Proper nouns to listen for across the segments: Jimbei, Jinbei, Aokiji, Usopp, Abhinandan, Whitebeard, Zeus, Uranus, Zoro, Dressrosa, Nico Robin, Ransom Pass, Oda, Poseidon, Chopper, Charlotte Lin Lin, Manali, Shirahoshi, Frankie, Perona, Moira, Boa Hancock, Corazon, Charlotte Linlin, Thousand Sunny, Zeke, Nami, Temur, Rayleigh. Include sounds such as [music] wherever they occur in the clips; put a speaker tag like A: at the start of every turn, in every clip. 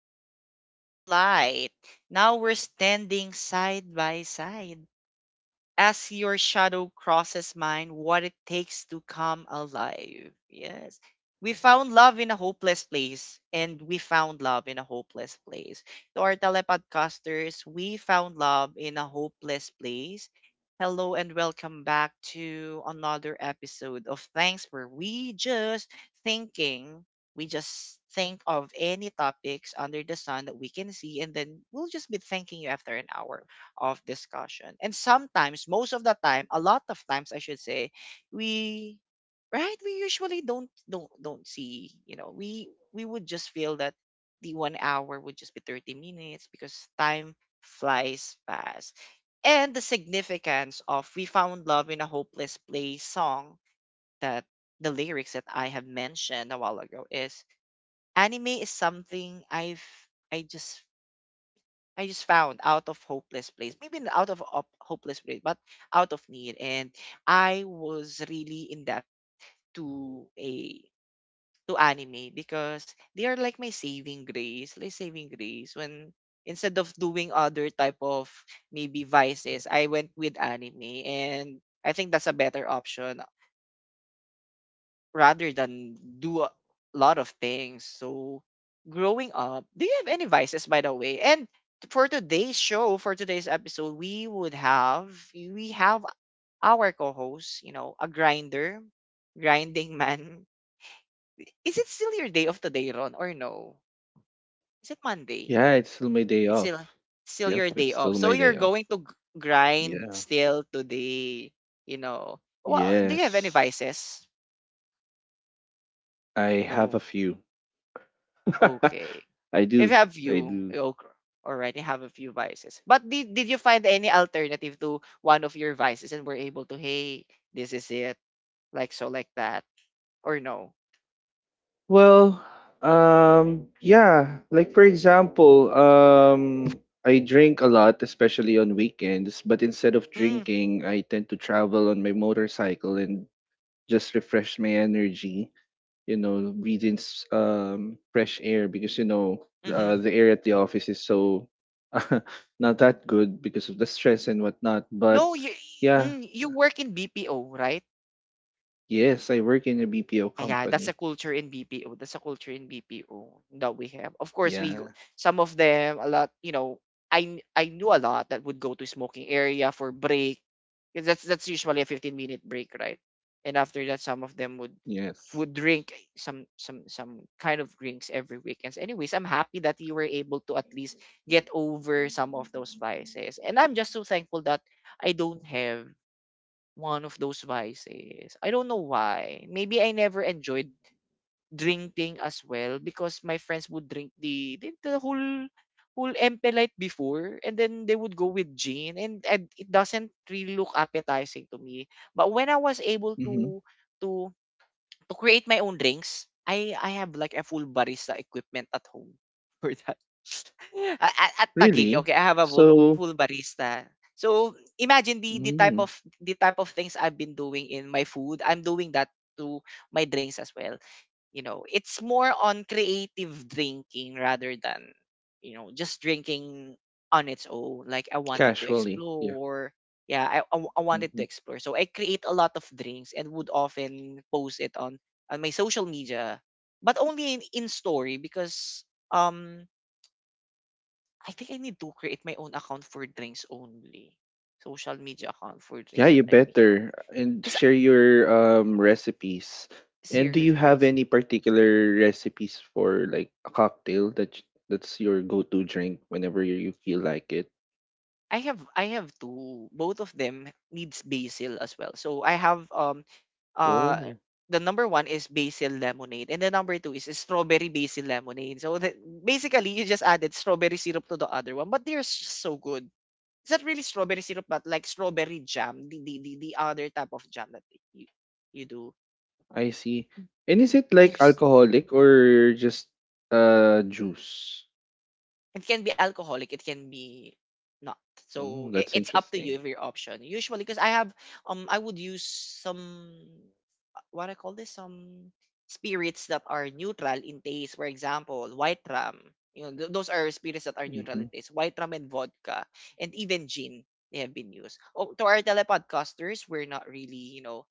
A: diamonds in the light. Now we're standing side by side as your shadow crosses mine, what it takes to come alive. Yes. We found love in a hopeless place, and we found love in a hopeless place. To our telepodcasters, we found love in a hopeless place. Hello and welcome back to another episode of Thanks for We Just Thinking. We just think of any topics under the sun that we can see, and then we'll just be thanking you after an hour of discussion. And sometimes, most of the time, a lot of times I should say, we right, we usually don't see, you know, we would just feel that the 1 hour would just be 30 minutes because time flies fast. And the significance of We Found Love in a Hopeless Place song, that the lyrics that I have mentioned a while ago, is anime is something I've I just I just found out of hopeless place. Maybe not out of hopeless place, but out of need. And I was really in depth to a to anime because they are like my saving grace, like saving grace. When instead of doing other type of maybe vices, I went with anime, and I think that's a better option rather than do a lot of things. So, growing up, do you have any vices, by the way? And for today's show, for today's episode, we have our co-host, you know, a grinder, grinding man. Is it still your day of today, Ron, or no? Is it Monday?
B: Yeah, it's still my day
A: It's
B: off.
A: still still
B: Yep,
A: your day
B: it's
A: off.
B: still
A: So
B: my
A: you're
B: day off.
A: going to grind
B: Yeah.
A: still today, you know. Well, do you have any
B: Yes.
A: vices?
B: I have
A: No.
B: a few.
A: Okay.
B: [laughs] I
A: If you
B: do.
A: have
B: I
A: few,
B: do.
A: you already have a few vices. But did you find any alternative to one of your vices and were able to, hey, this is it, like so, like that, or no?
B: Well, yeah, like for example, I drink a lot especially on weekends, but instead of
A: Mm,
B: drinking, I tend to travel on my motorcycle and just refresh my energy. You know, breathe in fresh air because you know the
A: hmm.
B: air at the office is so [laughs] not that good because of the stress and whatnot. But
A: No, you
B: yeah,
A: you work in BPO, right?
B: yes, I work in a BPO
A: Yeah, that's a
B: company.
A: culture in BPO. That's a culture in BPO that we have. Of course, we
B: Yeah,
A: go, some of them a lot. You know, I knew a lot that would go to smoking area for break. 'Cause that's usually a 15-minute break, right? And after that, some of them
B: yes.
A: would drink some some kind of drinks every weekends. Anyways, I'm happy that you were able to at least get over some of those vices, and I'm just so thankful that I don't have one of those vices. I don't know why. Maybe I never enjoyed drinking as well because my friends would drink the whole empty light before and then they would go with gin and it doesn't really look appetizing to me, but when I was able
B: Hmm.
A: to to create my own drinks, I have like a full barista equipment at home [laughs] for that [laughs] at Taguig.
B: Really?
A: Okay, I have a full,
B: So
A: full barista. So imagine the type
B: mm,
A: of the type of things I've been doing in my food. I'm doing that to my drinks as well. You know, it's more on creative drinking rather than, you know, just drinking on its own. Like I wanted to
B: casually, yeah.
A: explore. Yeah, I wanted to
B: Mm-hmm.
A: explore. So I create a lot of drinks and would often on my social media, but only in story, because I think I need to create my own account for drinks only. Social media account for
B: Yeah,
A: drinks that
B: you
A: I make.
B: better. And
A: Because
B: share your recipes. And do you have
A: seriously,
B: any particular recipes for like a cocktail that that's your go-to drink whenever you feel like it?
A: I have two. Both of them needs basil as well. So I have uh
B: Oh,
A: the number one is basil lemonade and the number two is strawberry basil lemonade. So, the, basically you just added strawberry syrup to the other one, but they're so good. It's not really strawberry syrup, but like strawberry jam, the other type of jam that you you do.
B: I see. And is it like
A: There's
B: alcoholic or just juice?
A: it can be alcoholic, it can be not.
B: Oh,
A: So, it,
B: that's
A: it's up to you
B: interesting.
A: if your option. Usually, because I have I would use some, what I call this, some spirits that are neutral in taste. For example, white rum. You know, those are spirits that are neutral
B: Mm-hmm.
A: in taste. White rum and vodka, and even gin. They have been used. Oh, to our telepodcasters, we're not really, you know,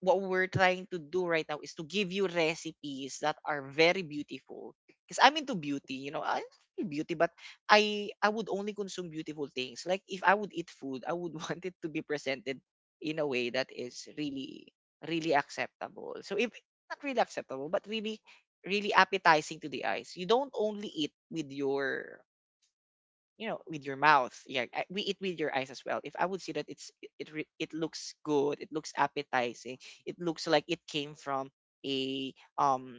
A: what we're trying to do right now is to give you recipes that are very beautiful. Because I'm into beauty, you know, I love beauty, but I would only consume beautiful things. Like if I would eat food, I would [laughs] want it to be presented in a way that is really, really acceptable. So if not really acceptable, but really, really appetizing to the eyes. You don't only eat with your, you know, with your mouth. Yeah, I- we eat with your eyes as well. If I would see that it, it looks good, it looks appetizing, it looks like it came from a um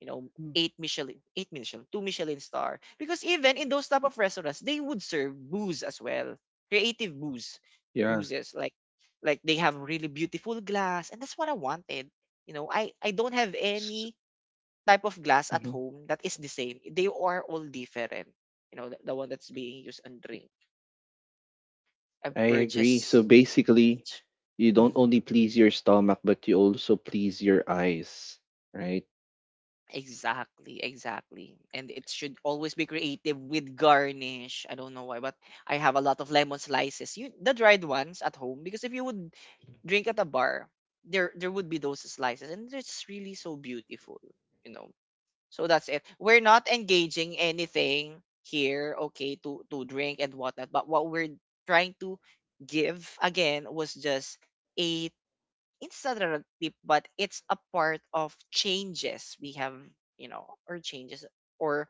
A: you know, eight michelin two michelin star, because even in those type of restaurants, they would serve booze as well, creative booze,
B: Yeah.
A: boozes like they have really beautiful glass and that's what I wanted. You know, I don't have
B: S-
A: any type of glass at
B: mhm.
A: home that is the same. They are all different. You know, the one that's being used on drink. I've
B: I agree. So
A: purchased
B: basically,
A: each.
B: you don't
A: Mhm.
B: only please your stomach, but you also please your eyes, right?
A: Exactly, exactly. And it should always be creative with garnish. I don't know why, but I have a lot of lemon slices. You the dried ones at home, because if you would drink at a bar, there would be those slices and it's really so beautiful, you know. So that's it. We're not engaging anything here, okay, to drink and whatnot. But what we're trying to give again was just a instant tip, but it's a part of changes we have, you know, or changes or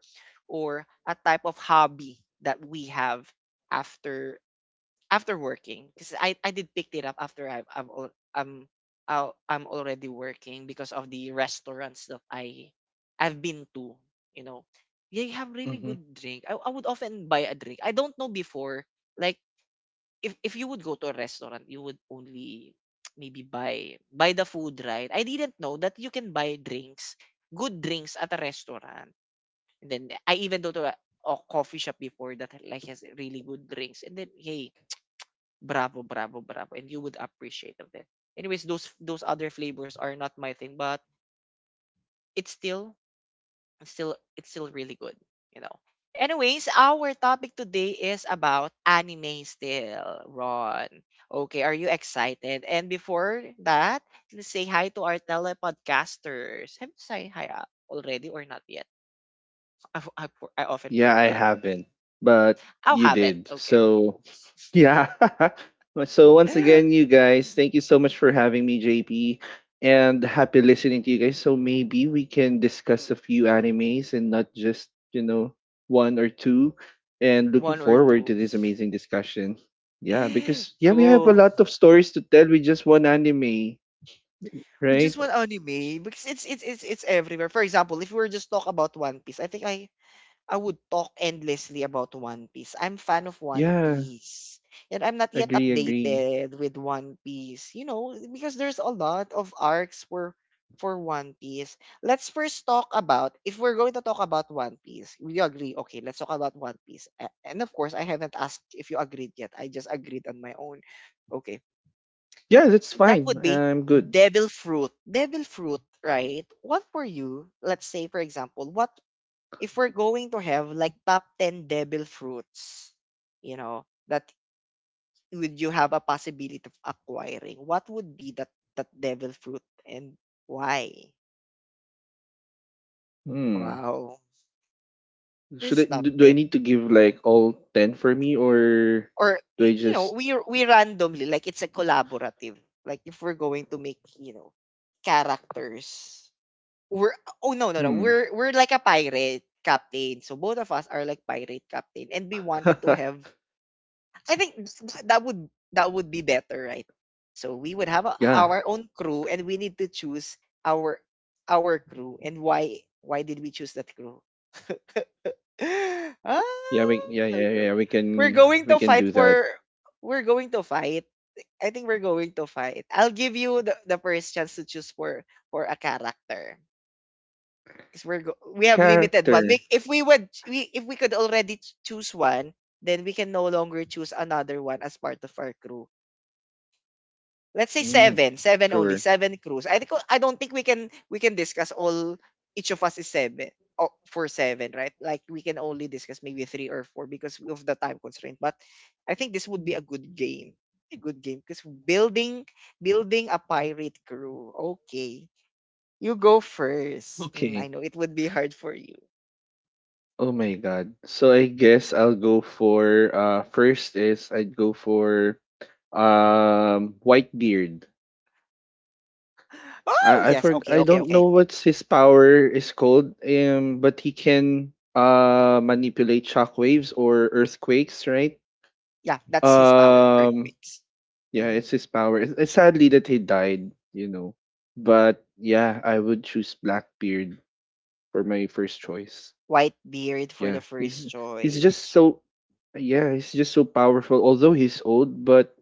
A: or a type of hobby that we have after after working because I did pick it up after I've I'm I'm already working because of the restaurants that I've been to, you know. They have really good drink. I would often buy a drink. I don't know before, like if you would go to a restaurant you would only [tsk] maybe buy the food, right? I didn't know that you can buy drinks, good drinks at a restaurant. And then I even go to a coffee shop before that like has really good drinks and then hey, bravo, bravo, bravo. And you would appreciate of it. Anyways, those other flavors are not my thing, but it's still it's still it's still really good, you know. Anyways, our topic today is about anime still, Ron. Okay, are you excited? And before that, let's say hi to our telepodcasters. Have you say hi already or not yet? [laughs] I often
B: Yeah, I
A: forgot.
B: haven't, but
A: I
B: you
A: haven't.
B: did.
A: Okay.
B: So, [laughs] yeah. [laughs] So, once
A: [gasps]
B: again,
A: [laughs]
B: you guys, thank you so much for having me, JP, and happy listening to you guys. So, maybe we can discuss a few animes and not just, one or two. And looking
A: One or
B: forward
A: two.
B: to this amazing discussion. Yeah,
A: [gasps] [laughs]
B: because, yeah, we have a
A: Cool.
B: lot of stories to tell with just one anime,
A: We just want
B: right?
A: anime because it's it's everywhere. For example, if we were just talk about One Piece, I think I would talk endlessly about One Piece. I'm fan of One
B: Yeah,
A: Piece, and I'm not yet
B: agree.
A: updated with One Piece. You know, because there's a lot of arcs for One Piece. Let's first talk about if we're going to talk about One Piece. We agree, okay? Let's talk about One Piece. And of course, I haven't asked if you agreed yet. I just agreed on my own. Okay.
B: Yeah, that's
A: That
B: fine.
A: would be
B: I'm good.
A: devil fruit. Devil fruit, right? What were you? Let's say, for example, what if we're going to have like top 10 devil fruits, you know, that would you have a possibility of acquiring? What would be that, that devil fruit and why?
B: Hmm.
A: Wow.
B: Should I
A: There's
B: do,
A: top
B: do I
A: 10.
B: need to give like all 10 for me or
A: Or,
B: do I
A: you know,
B: just
A: we randomly, like it's a collaborative. Like if we're going to make, you know, characters. We're oh no, no, no.
B: hmm?
A: We're like a pirate captain. So both of us are like pirate captain and we wanted to
B: [laughs]
A: have, I think that would be better, right? So we would have
B: Yeah,
A: our own crew and we need to choose our our crew. And why did we choose that crew? [laughs] Ah,
B: yeah, we, yeah, yeah, yeah, yeah, we
A: we're
B: can
A: going
B: we
A: to
B: can
A: fight
B: do that
A: for we're going to fight. I think we're going to fight. I'll give you the first chance to choose for a character, because we have limited one.
B: character.
A: Make if we would we if we could already choose one, then we can no longer choose another one as part of our crew. Let's say
B: Mm,
A: seven, seven only,
B: sure.
A: seven crews. I don't think we can discuss all. Each of us is seven. Oh, for seven, right? Like we can only discuss maybe three or four because of the time constraint. But I think this would be a good game, a good game, because building a pirate crew. Okay, you go first. I
B: Okay.
A: know it would be hard for you.
B: Oh my god. So I guess I'll go for first is I'd go for Whitebeard.
A: Oh
B: I I
A: yes,
B: for
A: okay,
B: I
A: okay,
B: don't
A: okay.
B: know what's his power is called, but he can manipulate shockwaves or earthquakes, right?
A: Yeah, that's his power.
B: Um,
A: Earthquakes.
B: yeah,
A: Mm-hmm.
B: it's his power. It's sadly that he died, But yeah, I would choose Blackbeard for my first choice.
A: White beard for the
B: Yeah,
A: first
B: he's just
A: choice.
B: so, yeah, he's just so powerful. Although he's old, but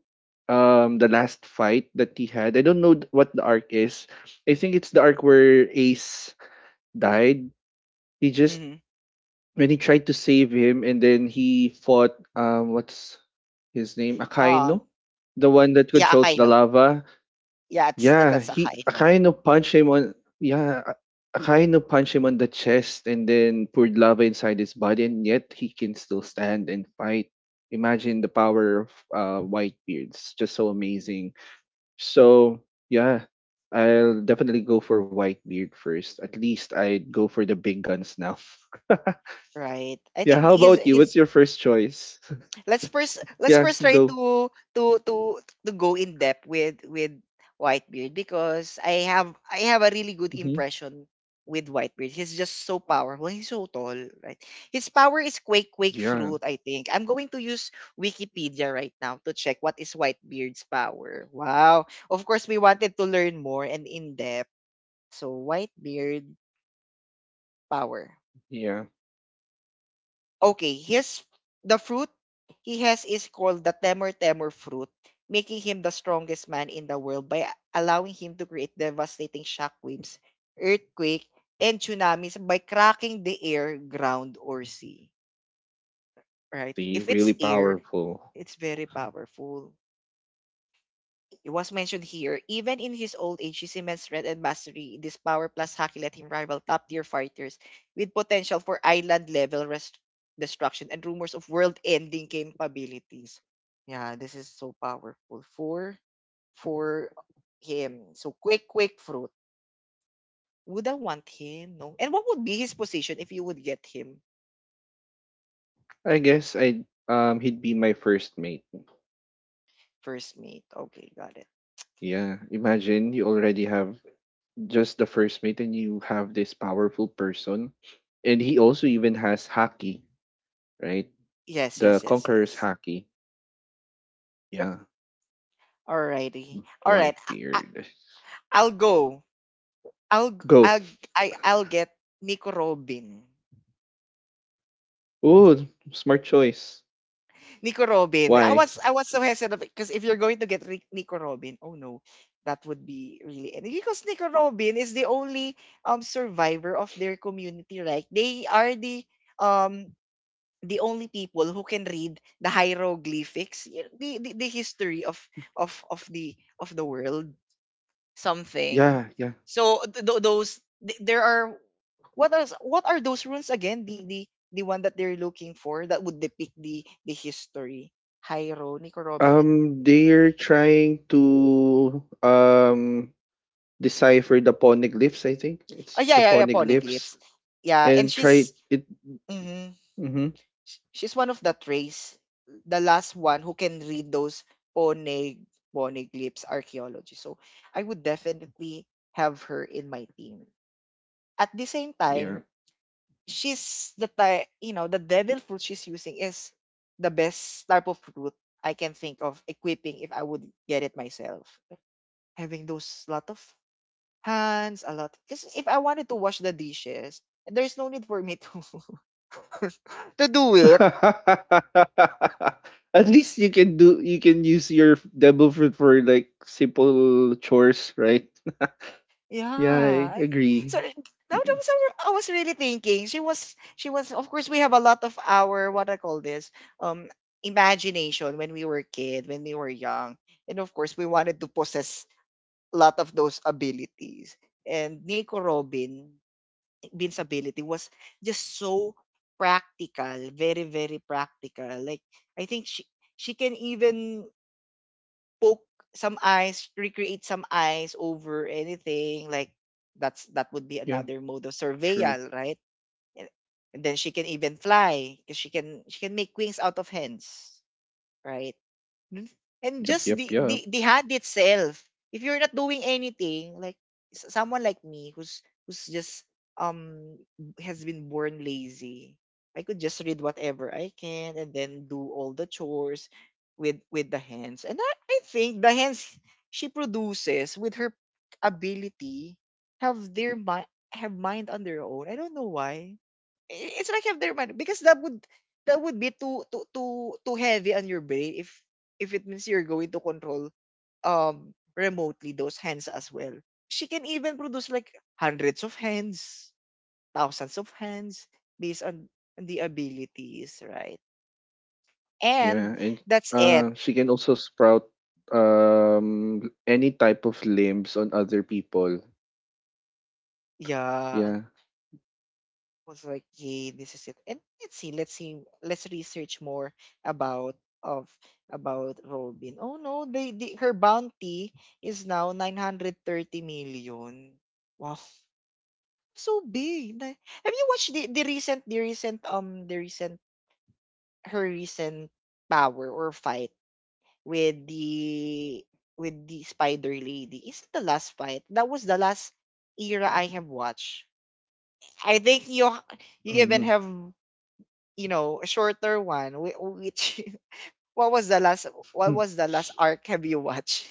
B: the last fight that he had, I don't know what the arc is. I think it's the arc where Ace died. He just,
A: Mm-hmm.
B: when he tried to save him and then he fought, what's his name,
A: Um,
B: Akainu, the one that
A: yeah,
B: controls the
A: Akaino.
B: lava.
A: Yeah, it's,
B: Yeah,
A: that's
B: he
A: Akaino,
B: Akainu punched him on, yeah, Akainu punched him on the chest and then poured lava inside his body, and yet he can still stand and fight. Imagine the power of Whitebeard's just so amazing. So yeah, I'll definitely go for Whitebeard first. At least I'd go for the big guns now. [laughs]
A: right? I
B: Yeah,
A: think
B: how about you? What's
A: he's
B: your first choice?
A: let's first
B: [laughs]
A: let's
B: Yeah,
A: first try
B: go.
A: to to to go in depth with Whitebeard because I have a really good
B: Hmm.
A: impression with Whitebeard. He's just so powerful. He's so tall, right? His power is quake quake
B: Yeah,
A: fruit, I think. I'm going to use Wikipedia right now to check what is Whitebeard's power. Wow. Of course we wanted to learn more and in depth. So Whitebeard power.
B: yeah,
A: Okay, his the fruit he has is called the Temur Temur fruit, making him the strongest man in the world by allowing him to create devastating shockwaves, earthquake, and tsunamis by cracking the air, ground, or sea. Right?
B: they
A: If it's
B: really
A: air,
B: powerful.
A: it's very powerful. It was mentioned here, even in his old age, he cements strength and mastery in this power plus hockey let him rival top tier fighters with potential for island level destruction and rumors of world ending capabilities. Yeah, this is so powerful for him. So quick, quick fruit. Would I want him? No. And what would be his position if you would get him
B: I guess I he'd be my first mate.
A: first mate? Okay, got it.
B: Yeah, imagine you already have just the first mate and you have this powerful person, and he also even has Haki, right?
A: Yes,
B: The
A: yes, yes,
B: Conqueror's
A: yes.
B: Haki. Yeah,
A: Alrighty. Alright. I, I,
B: Whitebeard.
A: I'll go.
B: Go.
A: I'll g- I I'll get Nico Robin.
B: Oh, smart choice.
A: Nico Robin. I
B: Why?
A: was I was so hesitant because if you're going to get Rick, Nico Robin, oh no, that would be really, and because Nico Robin is the only survivor of their community, right? They are um the only people who can read the hieroglyphics, the history of of of the the world. Something.
B: Yeah, yeah.
A: So there are what are those runes again? The one that they're looking for that would depict the history. Hyro, Nico Robin, and
B: They're trying to decipher the poneglyphs, I think.
A: oh
B: It's
A: yeah,
B: the
A: yeah, yeah,
B: poneglyphs.
A: Poneglyphs. Yeah, and
B: And try
A: she's
B: it,
A: mhm.
B: hmm,
A: She's one of that race, the last one who can read those Poneg Poneglyphs archaeology. So I would definitely have her in my team. At the same
B: yeah.
A: time, she's the type, the devil fruit she's using is the best type of fruit I can think of equipping if I would get it myself. Having those lot of hands, a lot. Because if I wanted to wash the dishes, there's no need for me to [laughs] to do it.
B: [laughs] At least you can use your devil fruit for like simple chores, right? [laughs] Yeah, I
A: Yeah.
B: agree.
A: So now that was our, I was really thinking. She was Of course we have a lot of our what I call this imagination when we were kid, when we were young. And of course we wanted to possess lot of those abilities. And Nico Robin, Bin's ability was just so practical, very, very practical. Like I think she can even poke some eyes, recreate some eyes over anything. Like that would be
B: Yeah,
A: another mode of
B: true.
A: surveil, right? And, and then she can even fly because she can make wings out of hands, right? N- And
B: Yep,
A: just the,
B: yep,
A: the,
B: yep.
A: the hand itself. If you're not doing anything, like someone like me who's just um has been born lazy, I could just read whatever I can and then do all the chores with the hands. And I think the hands she produces with her ability have mind on their own. I don't know why. It's like have their mind because that would be too heavy on your brain if it means you're going to control remotely those hands as well. She can even produce like hundreds of hands, thousands of hands based on the abilities, right? And
B: Yeah, and
A: that's it.
B: she can also sprout any type of limbs on other people.
A: Yeah.
B: Yeah,
A: Was like, yay, this is it. And let's research more about of about Robin. Oh no, they her bounty is now 930 million. Wow. So big. Like, have you watched the recent her recent power or fight with the with the spider lady? Is it the last fight? That was the last era I have watched. I think you even
B: mhm.
A: have a shorter one. Which [laughs] what was the last what
B: Hmm.
A: was the last arc have you watched?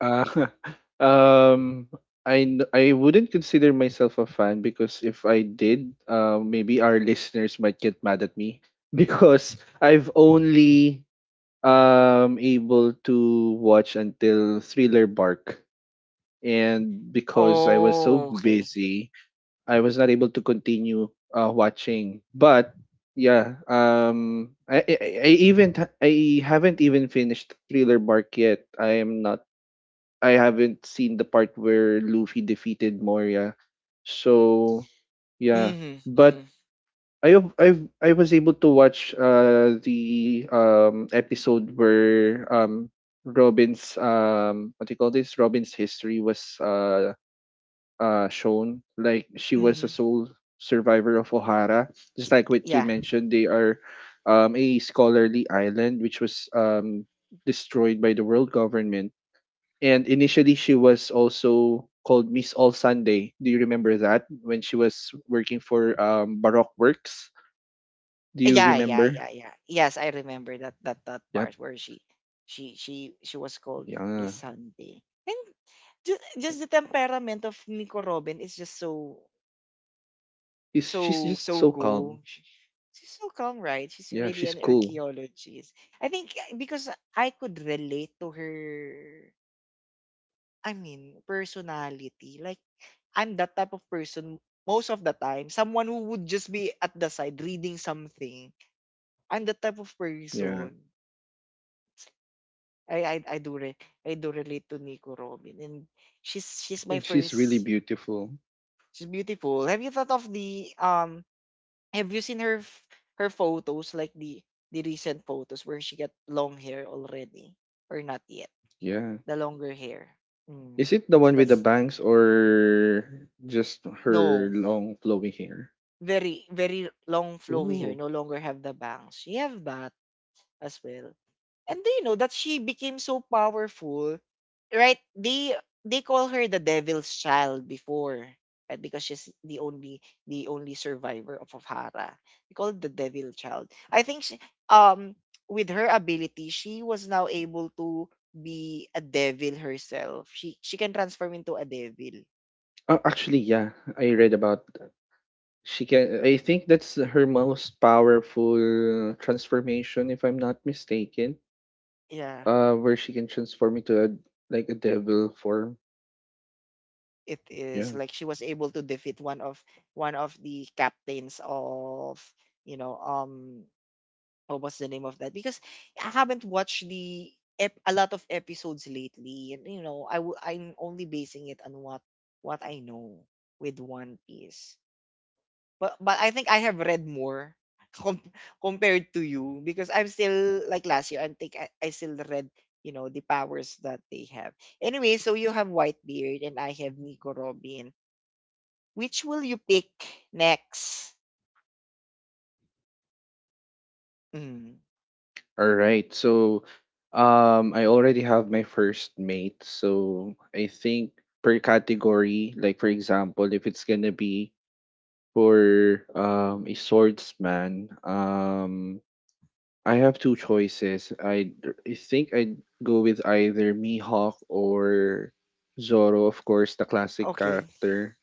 B: Ah, [laughs] um, I wouldn't consider myself a fan, because if I did, maybe our listeners might get mad at me [laughs] because I've only able to watch until Thriller Bark, and
A: [laughs]
B: because I was so
A: oh, okay.
B: busy, I was not able to continue watching. But yeah, I haven't even finished Thriller Bark yet. I am not. I haven't seen the part where Luffy defeated Moria. So yeah,
A: Mm-hmm, mm-hmm,
B: but I have, I've I was able to watch the episode where Robin's, what do you call this, Robin's history was shown, like she was a
A: mm-hmm.
B: sole survivor of Ohara, just like what you
A: Yeah.
B: mentioned. They are, a scholarly island, which was destroyed by the world government. And initially, she was also called Miss All Sunday. Do you remember that, when she was working for Baroque Works? Do you
A: Yeah, yeah,
B: remember?
A: yeah, yeah. Yes, I remember that
B: Yep.
A: part where she was called Miss
B: Yeah.
A: Sunday. And just the temperament of Nico Robin is just so
B: She's
A: so
B: just
A: so
B: so
A: cool.
B: calm.
A: She's so calm, right? She's
B: Yeah,
A: really
B: she's
A: an
B: cool.
A: archaeologist. I think because I could relate to her. I mean, personality. Like I'm that type of person most of the time. Someone who would just be at the side reading something. I'm that type of
B: Yeah.
A: person. I I I do re- I do relate to Nico Robin, and she's my
B: And she's really
A: first.
B: beautiful.
A: She's beautiful. Have you thought of the have you seen her her photos like the recent photos where she got long hair already or not yet?
B: Yeah.
A: The longer hair. Mm.
B: Is it the
A: So
B: one with the
A: that's
B: bangs or just her
A: No,
B: long flowing hair?
A: very very long flowy hair.
B: Ooh.
A: No longer have the bangs. She have that as well. And do you know that she became so powerful, right? They call her the devil's child before, right? Because she's the only survivor of Hara. They call it the devil child. I think um with her ability, she was now able to be a devil herself. She can transform into a devil.
B: Oh, actually, yeah. I read about She can I think that's her most powerful transformation, if I'm not mistaken.
A: Yeah.
B: Where she can transform into a, like, a devil form.
A: It
B: Yeah.
A: is like she was able to defeat one of the captains of, you know, what was the name of that? Because I haven't watched a lot of episodes lately, and I'm only basing it on what I know with One Piece. But I think I have read more [laughs] com- compared to you because I'm still like last year. I think I still read the powers that they have. Anyway, so you have Whitebeard and I have Nico Robin. Which will you pick next? Mm,
B: All right. So I already have my first mate. So I think per category, like for example, if it's gonna be for a swordsman, I have two choices. I think I'd go with either Mihawk or Zoro, of course, the classic
A: okay.
B: character.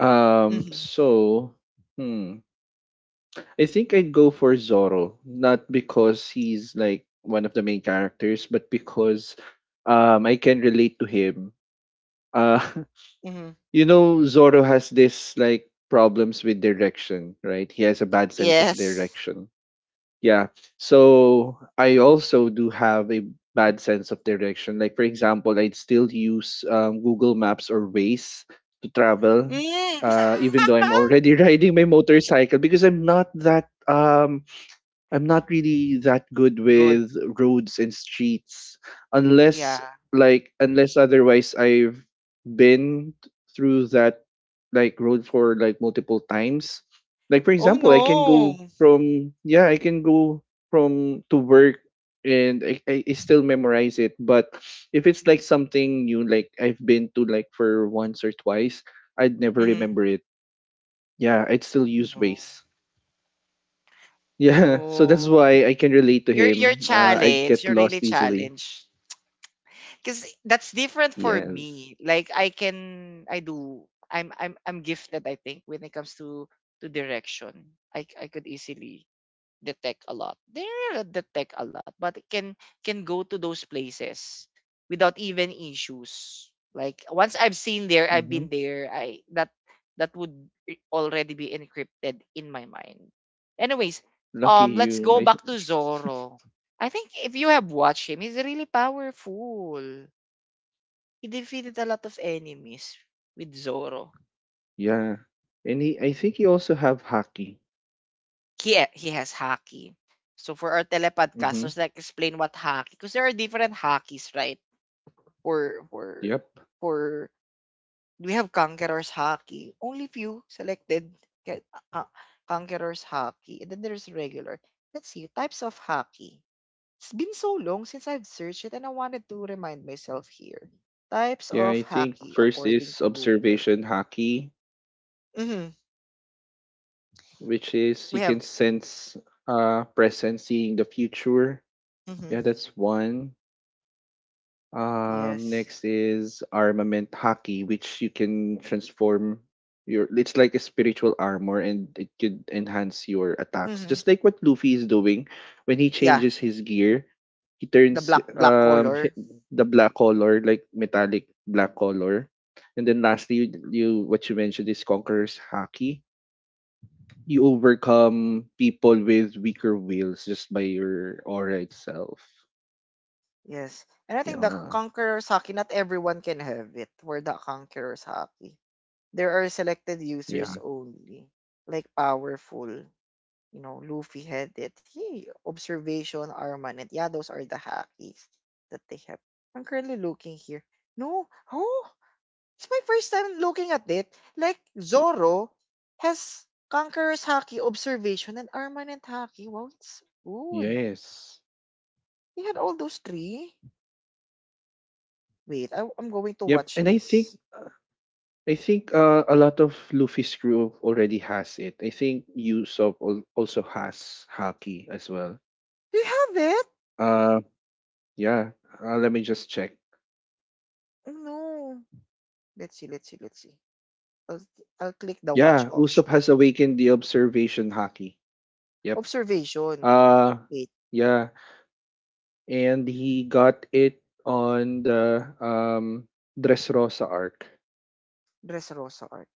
B: Um,
A: Hmm.
B: so, hmm, I think I'd go for Zoro, not because he's like one of the main characters, but because I can relate to him. Uh,
A: Hmm.
B: [laughs] Zoro has this like problems with direction, right? He has a bad sense of
A: Yes.
B: direction. Yeah. So I also do have a bad sense of direction. Like for example, I'd still use Google Maps or Waze to travel,
A: Mm. [laughs]
B: even though I'm already [laughs] riding my motorcycle, because I'm not really that good
A: Good.
B: with roads and streets, unless
A: Yeah.
B: unless otherwise I've been through that like road for like multiple times. Like for
A: Oh,
B: example, I can go
A: no.
B: from, yeah, I can go from to work, and I still memorize it. But if it's like something new like I've been to like for once or twice, I'd never
A: Mhm.
B: remember it. Yeah, I'd still use
A: No.
B: Waze. Yeah, [laughs] so that's
A: No.
B: why I can relate to
A: You're
B: him. I
A: challenged.
B: get
A: You're really
B: lost easily.
A: challenged. Cause that's different for
B: Yes.
A: me. Like I can I do I'm gifted I think when it comes to direction. I could easily detect a lot. They are detect a lot, but it can go to those places without even issues. Like once I've seen there, I've
B: Mm-hmm.
A: been there. I that that would already be encrypted in my mind. Anyways,
B: Lucky
A: let's
B: you.
A: go
B: I,
A: back to Zoro. I think if you have watched him, he's really powerful. He defeated a lot of enemies with Zoro.
B: [laughs] yeah. And he, I think he also have hockey.
A: He has hockey. So for our
B: Mm-hmm.
A: telepodcasters, like explain what hockey, because there are different hakis, right? For
B: Yep.
A: for we have conquerors hockey. Only few selected get uh, conquerors hockey, and then there's regular. Let's see types of hockey. It's been so long since I've searched it, and I wanted to remind myself here. Types
B: Yeah,
A: of
B: I think
A: hockey
B: first
A: according
B: is
A: to Google.
B: observation hockey,
A: Hmm.
B: which is
A: We
B: you
A: have.
B: can sense presence, seeing the future.
A: Hmm.
B: Yeah, that's one.
A: Yes.
B: Next is armament haki, which you can transform your it's like a spiritual armor and it could enhance your attacks.
A: Hmm.
B: Just like what Luffy is doing when he
A: Yeah,
B: changes his gear, he
A: the
B: turns
A: black color.
B: the black color, like metallic black color. And then lastly, you what you mentioned is Conqueror's haki. You overcome people with weaker wills just by your aura itself.
A: Yes. And I think the
B: Yeah.
A: Conqueror's Hockey, not everyone can have it for the Conqueror's Hockey. There are selected users
B: Yeah.
A: only, like powerful, Luffy had it. Hey, Observation, Armanet. Yeah, those are the hackies that they have. I'm currently looking here. No, oh, it's my first time looking at it. Like, Zoro has Conqueror's Hockey, Observation, and Armanet Hockey. Wow, it's good.
B: Yes.
A: He had all those three. Wait, I'm going to
B: Yep,
A: watch
B: and I think
A: this.
B: I think a lot of Luffy's crew already has it. I think Usopp also has Haki as well.
A: Do you have it?
B: Uh, yeah. Let me just check.
A: Oh, no. Let's see. I'll, I'll click the watch
B: Yeah,
A: option.
B: Usopp has awakened the observation Haki. Yep.
A: Observation.
B: Uh,
A: Wait,
B: yeah, and he got it on the Dressrosa arc.
A: Dressrosa Arc.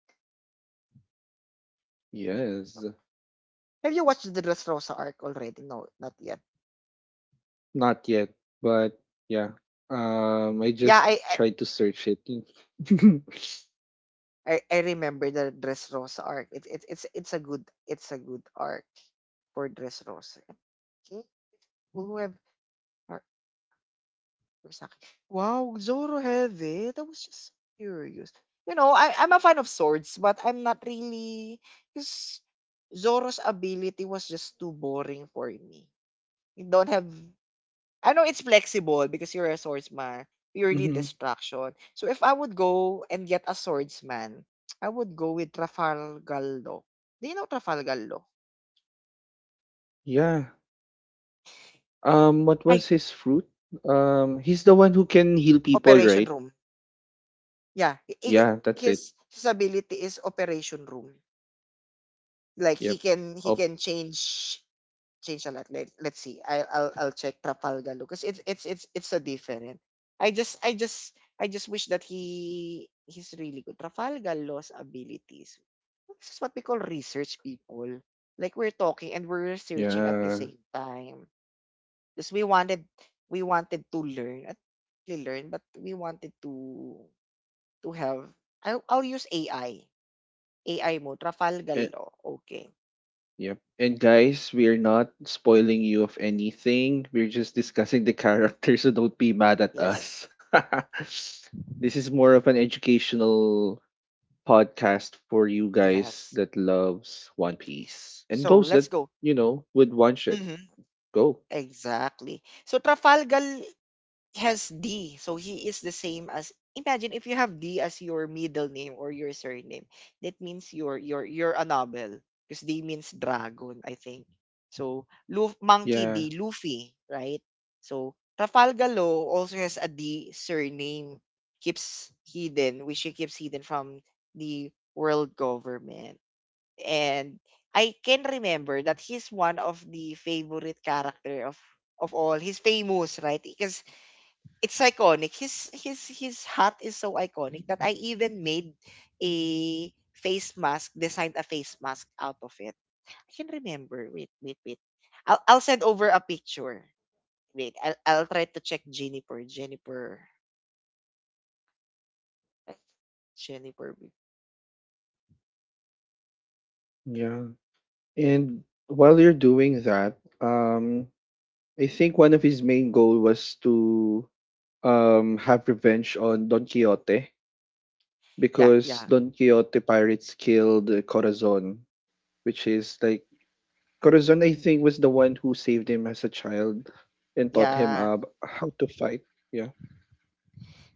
B: Yes,
A: Have you watched the Dressrosa Arc already? No, not yet.
B: not yet, but yeah. I
A: Yeah,
B: just
A: I I,
B: tried to search it. [laughs]
A: I I remember the Dressrosa Arc. It, it's a good arc for Dressrosa. Okay. Who have are, Kurosaki. Wow, Zoro heavy. That was just so curious. You know, I'm a fan of swords, but I'm not really because Zoro's ability was just too boring for me. You don't have I know it's flexible because you're a swordsman, purely
B: Mhm.
A: destruction. So if I would go and get a swordsman, I would go with Trafalgar Law. Do you know Trafalgar Law?
B: Yeah. What was
A: Ay,
B: his fruit? He's the one who can heal people,
A: Operation
B: right?
A: Room. Yeah, i- i-
B: Yeah, that's it.
A: his his ability is Operation Room. Like he
B: Yep.
A: can he
B: Oh,
A: can change change a lot. Let's see. I'll check Trafalgar because it's a different. I just wish that he's really good. Trafalgar lost abilities. This is what we call research people. Like we're talking and we're researching at the
B: yeah.
A: same time because we wanted to learn at really learn but we wanted to have I'll use AI AI mo Trafalgar
B: And,
A: law okay
B: yep. And guys, we're not spoiling you of anything. We're just discussing the [laughs] characters, so don't be mad at
A: yes.
B: us. [laughs] This is more of an educational podcast for you guys
A: Yes.
B: that loves One Piece and
A: So
B: those
A: let's
B: that,
A: go.
B: would watch it.
A: Hmm.
B: Go.
A: Exactly. So Trafalgar has D. So he is the same as imagine if you have D as your middle name or your surname. That means you're a novel. Because D means dragon, I think. So Luf Monkey
B: Yeah.
A: D, Luffy, right? So Trafalgar Law also has a D surname keeps hidden, which he keeps hidden from the world government. And I can remember that he's one of the favorite character of all. He's famous, right? Because it's iconic. His hat is so iconic that I even made a face mask, designed a face mask out of it. I can remember. Wait, wait, wait. I'll send over a picture. Wait, I'll try to check Jennifer. Jennifer. Jennifer.
B: Yeah. And while you're doing that, I think one of his main goal was to have revenge on Don Quixote,
A: Yeah,
B: because
A: yeah.
B: Don Quixote pirates killed Corazon, which is like Corazon. I think was the one who saved him as a child and taught him
A: Yeah,
B: how to fight. Yeah,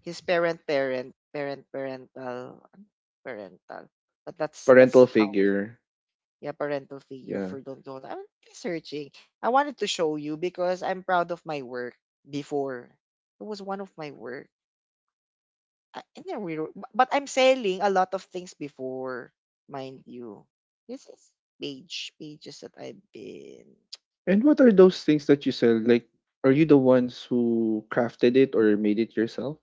A: his parental but that's
B: parental
A: how we,
B: figure.
A: yeah, parental figure
B: Yeah.
A: for don't. I'm researching. I wanted to show you because I'm proud of my work before. It was one of my work. I, and then we, were- bu- but I'm selling a lot of things before, mind you. This is page pages that I've been.
B: And what are those things that you sell? Like, are you the ones who crafted it or made it yourself?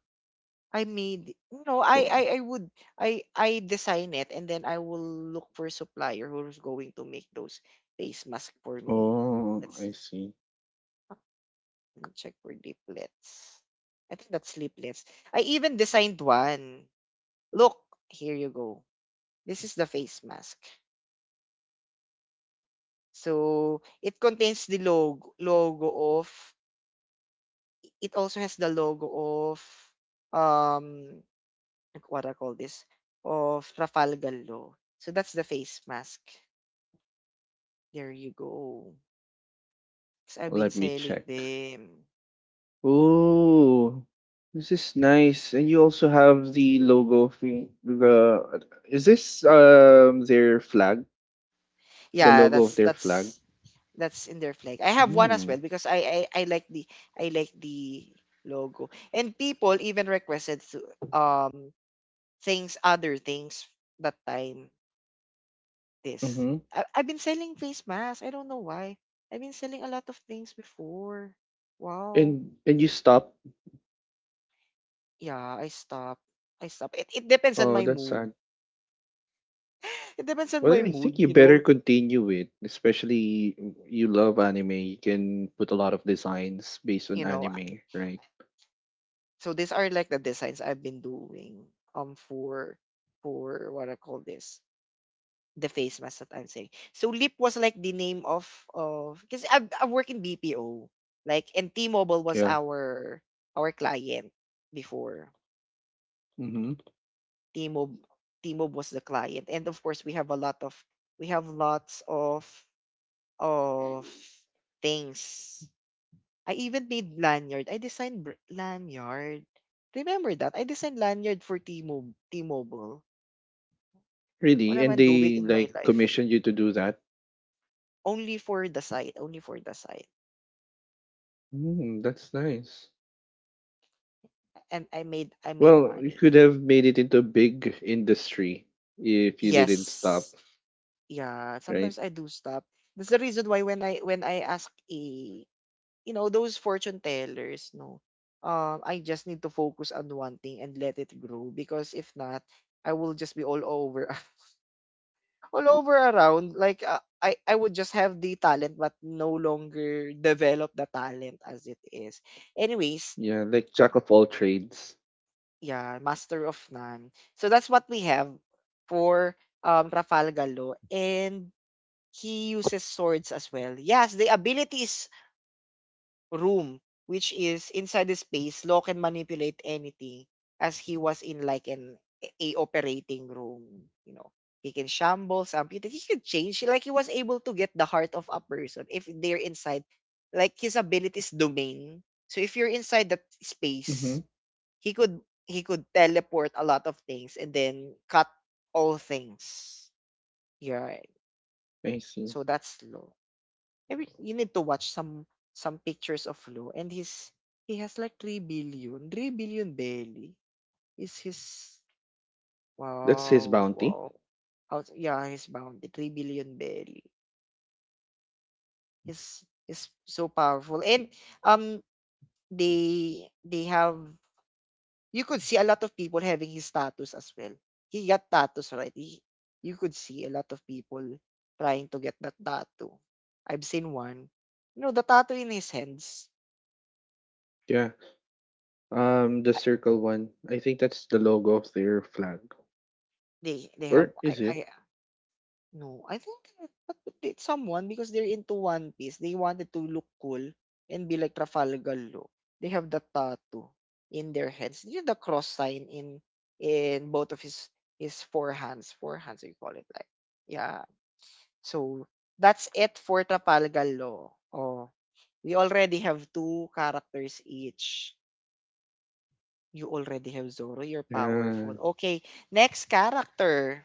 A: I made, you know,
B: Or-
A: I would I design it and then I will look for a supplier who's going to make those face mask for me.
B: Oh,
A: Let's see.
B: I see.
A: Ah, let me check for leaflets. I think that's leaflets. I even designed one. Look, here you go. This is the face mask. So it contains the logo of, it also has the logo of, um, like what I call this, of Trafalgar Law. So that's the face mask. There you go. 'Cause I've been
B: Let me
A: selling
B: check.
A: them.
B: Oh, this is nice. And you also have the logo of the, is this their flag? The
A: Yeah,
B: logo of
A: that's
B: their flag.
A: that's that's in their flag. I have one as well
B: Mm.
A: because I like the, I like the logo. And people even requested to, um, things, other things that time this.
B: Mm-hmm.
A: I, I've been selling face masks. I don't know why. I've been selling a lot of things before. Wow.
B: And and you stop.
A: Yeah, I stop. I stop. It depends on
B: Oh,
A: my
B: that's
A: mood.
B: sad.
A: [laughs] It depends on
B: Well,
A: my
B: I
A: mood,
B: think you
A: you
B: better
A: know.
B: continue it, especially you love anime. You can put a lot of designs based on
A: You know.
B: anime, right?
A: So these are like the designs I've been doing, um, for what I call this, the face mask that I'm saying. So Lip was like the name of because I work in BPO, like, and T-Mobile was
B: Yeah.
A: our client before.
B: Mm-hmm.
A: T-Mobile T-Mobile was the client and of course we have a lot of, we have lots of things. I even made lanyard. I designed br- lanyard. Remember that? I designed lanyard for T-Mobile. What
B: Really,
A: am
B: and
A: I doing
B: they
A: in my
B: like
A: life?
B: commissioned you to do that.
A: Only for the site. Only for the site.
B: That's nice.
A: And I made
B: Well, you
A: money.
B: could have made it into a big industry if you didn't stop,
A: Yes. Yeah.
B: right?
A: Sometimes I do stop. That's the reason why when I ask a, those fortune tellers, no, I just need to focus on one thing and let it grow because if not, I will just be all over. [laughs] All over around like, I would just have the talent but no longer develop the talent as it is. Anyways,
B: Yeah, like jack of all trades.
A: yeah, master of none. So that's what we have for, um, Rafal Galo, and he uses swords as well. Yes, the ability is room, which is inside the space, Law can manipulate anything as he was in like an, a operating room. You know, he can shamble amputate, he could change. Like he was able to get the heart of a person if they're inside, like his abilities domain. So if you're inside that
B: Mm-hmm.
A: space, he could teleport a lot of things and then cut all things. Yeah. Right.
B: I see.
A: So that's law. Maybe you need to watch some pictures of Lou, and his, he has like three billion belly is his.
B: That's his
A: Wow,
B: bounty.
A: wow. Out, yeah, he's bounded. 3 billion belly. He's is so powerful. And, um, they have, you could see a lot of people having his tattoos as well. He got tattoos, right? He, you could see a lot of people trying to get that tattoo. I've seen one. You know, the tattoo in his hands.
B: Yeah. The circle one. I think that's the logo of their flag.
A: They have
B: Or is it?
A: I No, I think it's someone because they're into One Piece. They wanted to look cool and be like Trafalgar look. They have the tattoo in their heads. You know the cross sign in both of his forehands, forehands you call it, like. Yeah. So that's it for Trafalgar Law. Oh, we already have two characters each. You already have Zoro, you're powerful.
B: Yeah.
A: Okay, next character.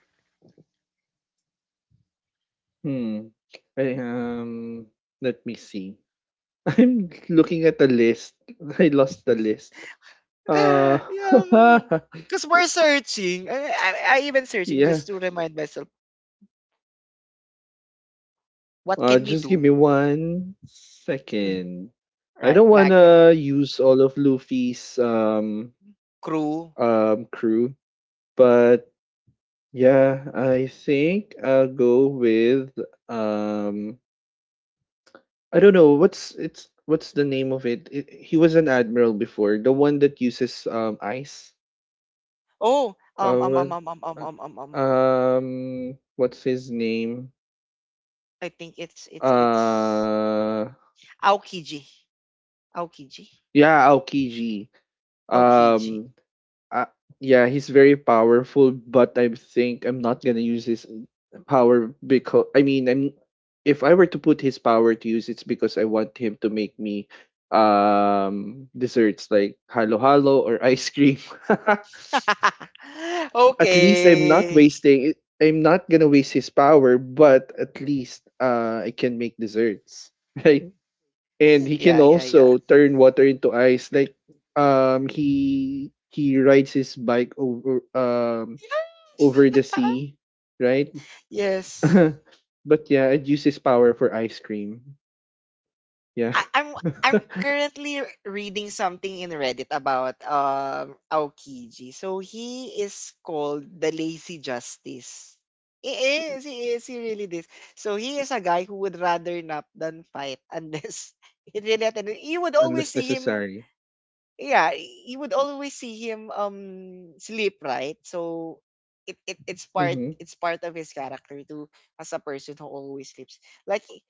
B: Hmm. I, um. Let me see. [laughs] I'm looking at the list. [laughs] I lost the list.
A: [laughs] Yeah,
B: Uh.
A: because we're searching. I even searching
B: [laughs] Yeah.
A: just to remind myself what can we
B: Just give me
A: do,
B: one
A: mm,
B: second. I
A: right?
B: don't
A: Like a
B: wanna use all of Luffy's
A: crew.
B: crew, but yeah, I think I'll go with um I don't know what's the name of it. He was an admiral before, the one that uses ice.
A: Oh,
B: Uh, what,
A: um.
B: what's his name?
A: I think it's it's
B: Uh
A: Aokiji, Aokiji,
B: yeah, Aokiji.
A: Aokiji.
B: Um uh, yeah, he's very powerful, but I think I'm not gonna use his power because I mean, I'm if I were to put his power to use, it's because I want him to make me desserts like halo halo or ice cream.
A: [laughs]
B: [laughs] At least I'm not
A: Okay.
B: wasting it. I'm not gonna waste his power, but at least I can make desserts, [laughs] right? And he can
A: Yeah, yeah, yeah.
B: also turn water into ice. Like he rides his bike over over the
A: [laughs]
B: sea, right? [laughs]
A: Yes.
B: But yeah, it uses power for ice cream. Yeah.
A: I'm I'm
B: [laughs]
A: currently r- reading something in Reddit about, um, Aokiji. So he is called the Lazy Justice. He is, he is, he really this? So he is a guy who would rather nap than fight unless [laughs] it really happened. You would always
B: Unless
A: see him,
B: necessary.
A: yeah, y- you would always see him, um, sleep, right? So it it's part,
B: Mm-hmm.
A: it's part of his character too as a person who always sleeps. Like I-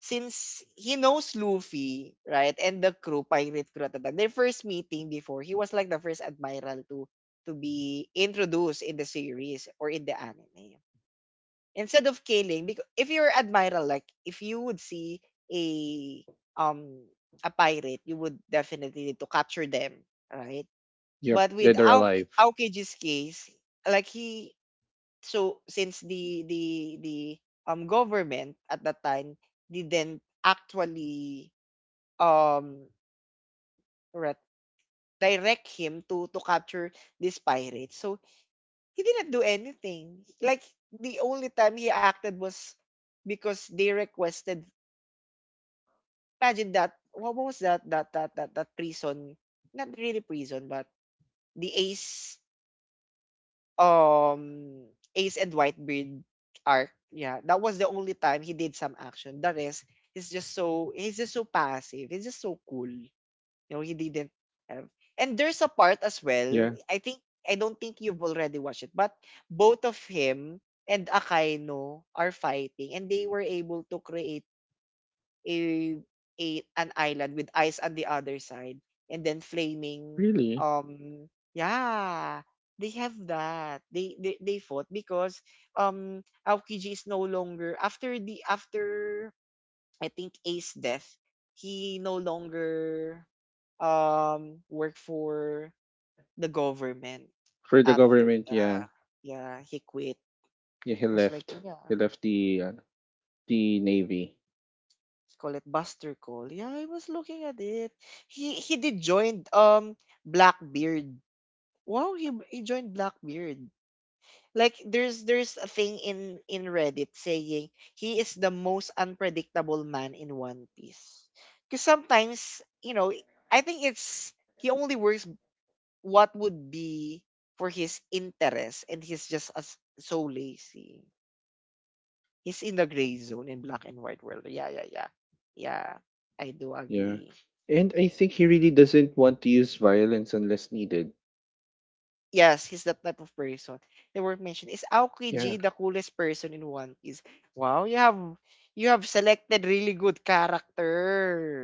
A: since he knows Luffy, right, and the crew, pirate crew at the time, their first meeting before, he was like the first admiral to be introduced in the series or in the anime. Instead of killing, because if you're admiral, like if you would see a, um, a pirate, you would definitely need to capture them, right?
B: Yep.
A: But with
B: Dead or
A: Aoki,
B: alive.
A: Aokiji's case, like he, so since the, um, government at that time didn't actually, um, re- direct him to capture this pirate, so he didn't do anything. Like the only time he acted was because they requested. Imagine that. What was that? That prison? Not really prison, but the Ace, um, Ace and Whitebeard arc. Yeah, that was the only time he did some action. The rest is just so he's just so passive. He's just so cool. You know, he didn't have. And there's a part as well.
B: Yeah.
A: I think I don't think you've already watched it, but both of him and Akaino are fighting, and they were able to create a, a, an island with ice on the other side and then flaming,
B: Really?
A: um, yeah, they have that, they fought because, um, Aokiji is no longer after the, after I think Ace death he no longer, um, worked for the government
B: For the
A: after
B: government, yeah.
A: that, yeah, he quit
B: Yeah, he
A: was like,
B: left. He
A: yeah,
B: left the the navy.
A: let's call it Buster Cole. Yeah, I was looking at it. He did join, um, Blackbeard. Wow, he joined Blackbeard. Like there's a thing in Reddit saying he is the most unpredictable man in One Piece. Cause sometimes, you know, I think it's he only works what would be for his interest and he's just as so lazy. He's in the gray zone in black and white world. Yeah, yeah, yeah. Yeah. I do
B: Yeah.
A: agree.
B: And I think he really doesn't want to use violence unless needed.
A: Yes, he's that type of person. They were mentioned. Is Aoki G
B: Yeah.
A: the coolest person in One Piece? Wow, you have, you have selected really good character.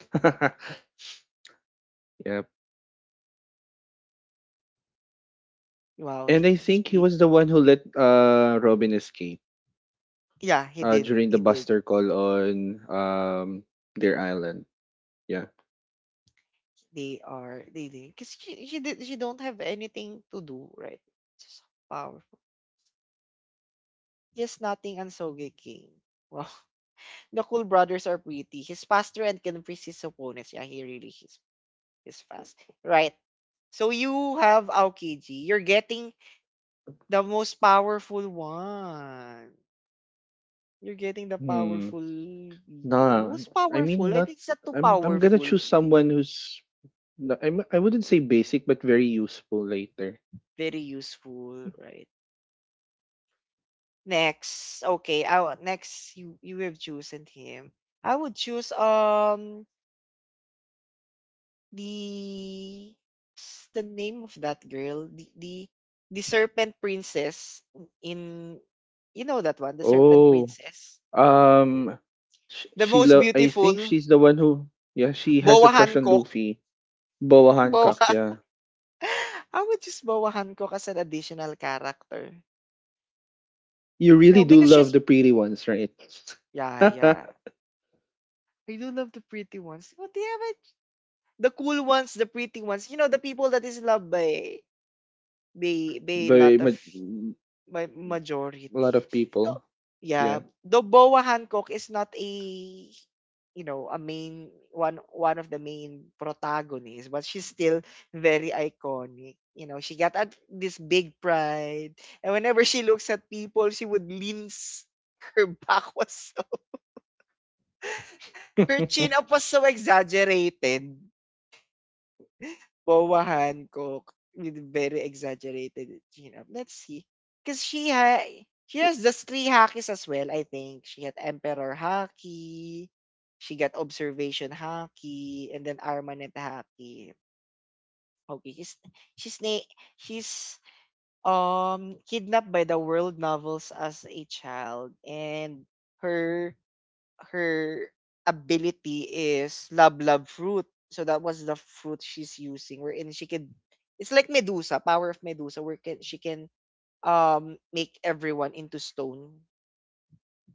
B: [laughs] Yep.
A: Wow,
B: And I
A: he, he's
B: think he
A: be-
B: was the one who let Robin escape.
A: yeah, he
B: uh,
A: did,
B: during the
A: he did.
B: buster call on their island. Yeah.
A: They are, they did because she did, she don't have anything to do, right? Just so powerful. Yes, nothing and Soge King. Wow, [laughs] the cool brothers are pretty. He's faster and can freeze his opponents. Yeah, he really is fast. Right. So you have Aokiji. You're getting the most powerful one. You're getting the
B: Hmm.
A: powerful people.
B: Nah.
A: Who's
B: I mean,
A: powerful? I
B: not.
A: think it's not too
B: I'm gonna
A: powerful.
B: choose someone who's. I wouldn't say basic, but very useful later.
A: Very useful, right? Next. Okay, next you you have chosen him. I would choose, um, the, what's the name of that girl? The serpent princess in, you know that one, the serpent
B: Oh.
A: princess.
B: Um.
A: The most
B: I think
A: beautiful,
B: she's the one who. Yeah. She has
A: Boa
B: a crush on
A: Hancock.
B: Luffy. Boa Hancock. Yeah.
A: [laughs] I would just Bowahan Cook as an additional character.
B: You
A: You
B: really
A: know,
B: do
A: because
B: love
A: she's,
B: the pretty ones, right? [laughs]
A: yeah, yeah.
B: But
A: I do love the pretty ones. But yeah, but the cool ones, the pretty ones, you know, the people that is loved by a lot of
B: a
A: ma
B: lot
A: majority.
B: of
A: Oh,
B: people.
A: yeah,
B: Yeah.
A: though Boa Hancock is not a, you know, a main one, one of the main protagonists, but she's still very iconic. You know, she got at this big pride, and whenever she looks at people, she would [laughs] Her back, her chin
B: [laughs]
A: up was so exaggerated. Wawahan, Coke, with very exaggerated chin-up. Let's see. Because she has just three hackies as well, I think. She had Emperor Haki, she got Observation Haki, and then Armanet Haki. Okay, she's na she's kidnapped by the world novels as a child, and her her ability is love love fruit. So that was the fruit she's using wherein she could, it's like Medusa, power of Medusa, where can she can make everyone into stone.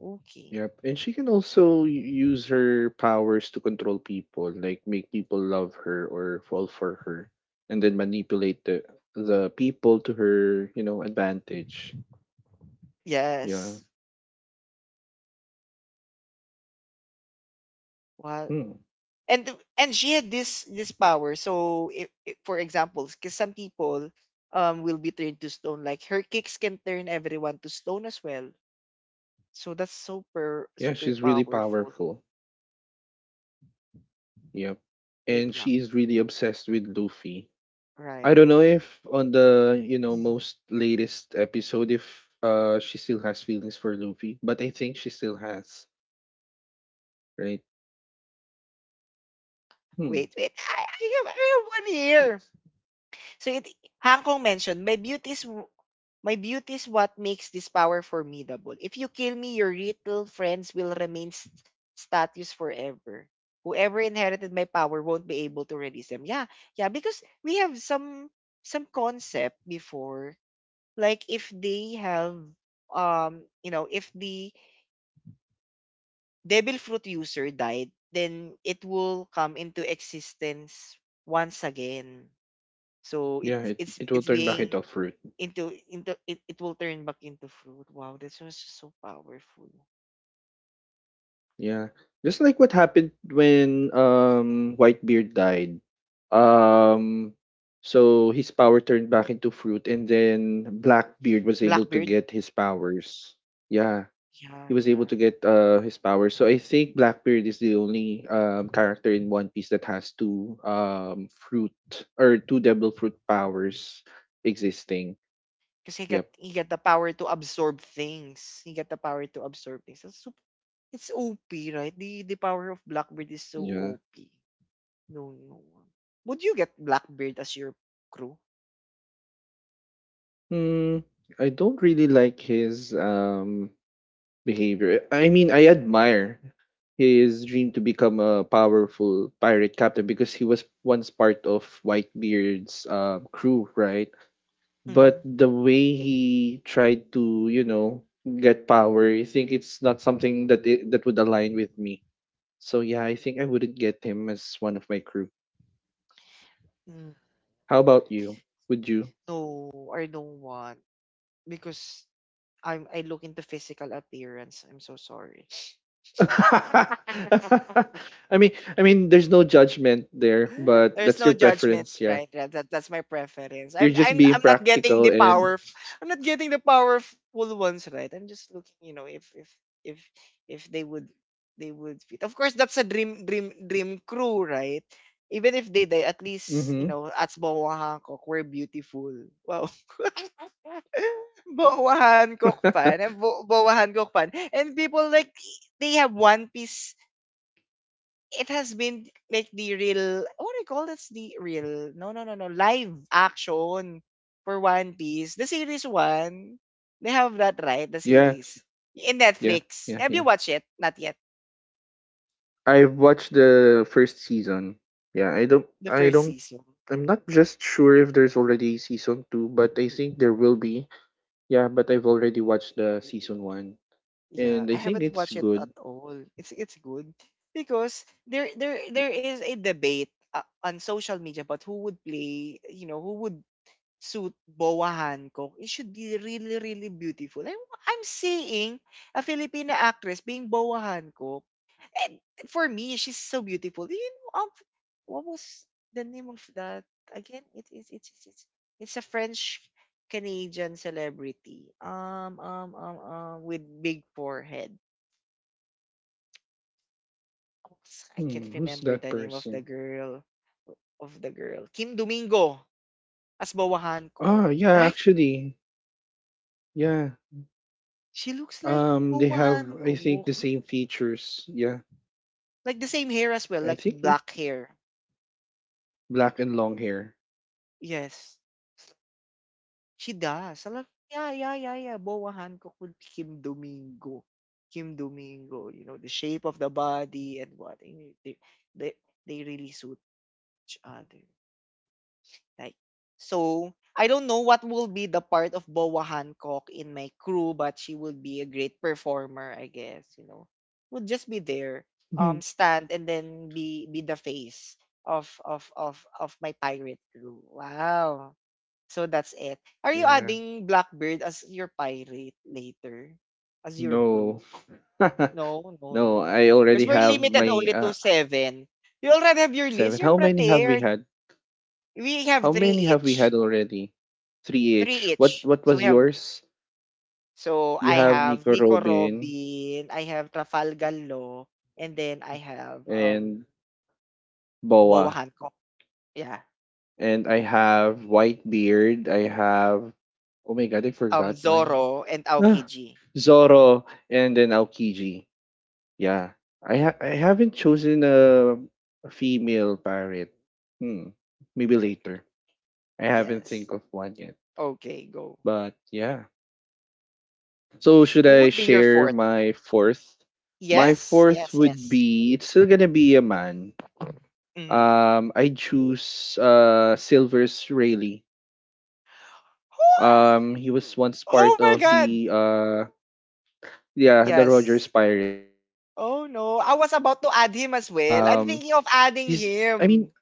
A: Okay.
B: Yep, and she can also use her powers to control people, like make people love her or fall for her, and then manipulate the people to her advantage. Yeah.
A: Yes. Well,
B: Hmm.
A: and and she had this power. So for examples, because some people will be turned to stone. Like her kicks can turn everyone to stone as well. So that's super
B: Yeah,
A: super
B: she's really
A: powerful.
B: powerful. Yep.
A: Wait
B: And
A: lang.
B: she's really obsessed with Luffy. I
A: Right.
B: don't know if on the, most latest episode if she still has feelings for Luffy, but I think she still has, right? Hmm.
A: Wait, wait. I have one here. So it Hang Kong mentioned my beauty is what makes this power formidable. If you kill me, your little friends will remain status forever. Whoever inherited my power won't be able to release them. Yeah, yeah, because we have some concept before. Like if they have you know if the devil fruit user died, then it will come into existence once again. So
B: Yeah, it, it will
A: it's
B: turn back
A: being
B: into fruit.
A: it will turn back into fruit. Wow, this was just so powerful.
B: Yeah. Just like what happened when Whitebeard died. Um so his power turned back into fruit and then Blackbeard was able to
A: Blackbeard,
B: get his powers. Yeah.
A: yeah,
B: He was able
A: yeah.
B: to get his powers. So I think Blackbeard is the only character in One Piece that has two fruit or two devil fruit powers existing.
A: Because he got
B: Yep.
A: he got the power to absorb things. He got the power to absorb things. That's super, it's OP, right? The power of Blackbeard is so
B: Yeah.
A: OP. No, no. Would you get Blackbeard as your crew?
B: Hmm. I don't really like his behavior. I mean, I admire his dream to become a powerful pirate captain because he was once part of Whitebeard's crew, right? But
A: Mm-hmm.
B: the way he tried to get power, I think it's not something that that would align with me. So yeah, I think I wouldn't get him as one of my crew.
A: Mm.
B: How about you? Would you?
A: No, I don't want because I look into physical appearance. I'm so sorry.
B: [laughs] I mean, there's no judgment there, but
A: There's
B: that's
A: no
B: your
A: judgment,
B: preference, yeah.
A: right? That's my preference.
B: You're
A: I'm
B: just
A: I'm
B: being
A: I'm not getting
B: practical
A: the
B: and.
A: power. I'm not getting the powerful ones, right? I'm just looking, you know, if if they would, they would fit. Of course, that's a dream dream dream crew, right? Even if they die, at least
B: Mm-hmm.
A: you know, at Boa Hancock, we're beautiful. Wow, [laughs] Boa Hancock
B: [laughs]
A: fan. I'm Boa Hancock fan, and people like they have One Piece, it has been like the real what do you call, that's the real no no no no live action for One Piece. The series one. They have that right, the
B: Yeah,
A: series. In
B: yeah,
A: Netflix.
B: yeah,
A: Have you
B: yeah.
A: watched it? Not yet.
B: I've watched the first season. Yeah, I don't
A: The
B: I
A: first
B: don't
A: season.
B: I'm not just sure if there's already season 2, but I think there will be. Yeah, but I've already watched the season 1
A: Yeah.
B: and
A: I
B: I think
A: haven't
B: it's
A: watched it at
B: good.
A: all. It's good. Because there is a debate on social media about who would play, you know, who would suit, bowahan ko, it should be really, really beautiful. I'm seeing a Filipina actress being bowahan ko. And for me, she's so beautiful. You know, what was the name of that? Again, it is it's a French Canadian celebrity. With big forehead. I can't
B: Hmm, who's
A: remember
B: that
A: the name of
B: person?
A: the girl. Kim Domingo as bawahan ko.
B: Ah, yeah,
A: Right?
B: actually. Yeah.
A: She looks like
B: They
A: bawahan
B: have I
A: ko.
B: think the same features. Yeah.
A: Like the same hair as well,
B: I
A: like
B: think it
A: black hair.
B: black and long hair. [laughs]
A: Yes, she does. I'm like, yeah. Boa Hancock would Kim Domingo. Kim Domingo, you know, the shape of the body and what. And they, they really suit each other. Like, so I don't know what will be the part of Boa Hancock in my crew, but she will be a great performer, I guess. You know, would just be there,
B: Hmm.
A: stand and then be the face of my pirate crew. Wow. So that's it. Are you
B: Yeah.
A: adding Blackbird as your pirate later, as your
B: No.
A: crew? No,
B: [laughs]
A: no, no,
B: No, I
A: no. Because
B: already
A: we're
B: have
A: limited
B: my
A: only to seven. You already have your
B: seven.
A: list. You're
B: How many have we
A: prepared.
B: had?
A: We have
B: How
A: three
B: many have we had
A: each.
B: already? Three
A: 3
B: each. What
A: each.
B: what
A: So
B: was
A: we have
B: yours?
A: so
B: You
A: I
B: have
A: have
B: Nico
A: Nico
B: Robin
A: Robin, I have Trafalgar Law, and then I have
B: and
A: Boa
B: Boa.
A: Hancock. Yeah.
B: And I have Whitebeard. I have Oh my god, I forgot mine.
A: Zoro and
B: Ah,
A: Aokiji.
B: Zoro and then Aokiji. Yeah. I haven't chosen a female pirate. Hmm. Maybe
A: Right.
B: later. I haven't
A: Yes.
B: think of one yet.
A: Okay, go.
B: But yeah. So should
A: Who
B: I
A: would be your
B: share
A: fourth?
B: my fourth? My
A: Yes,
B: fourth
A: yes,
B: would
A: yes.
B: be it's still gonna be a man.
A: Mhm.
B: I choose Silvers Rayleigh.
A: What?
B: He was once
A: Oh
B: part
A: my
B: of
A: god.
B: the yeah, the Rogers
A: Yes.
B: Pirate. Um
A: Oh no. I was
B: he's
A: about to add
B: I
A: him
B: mean,
A: as well. I'm thinking of adding
B: [laughs]
A: him.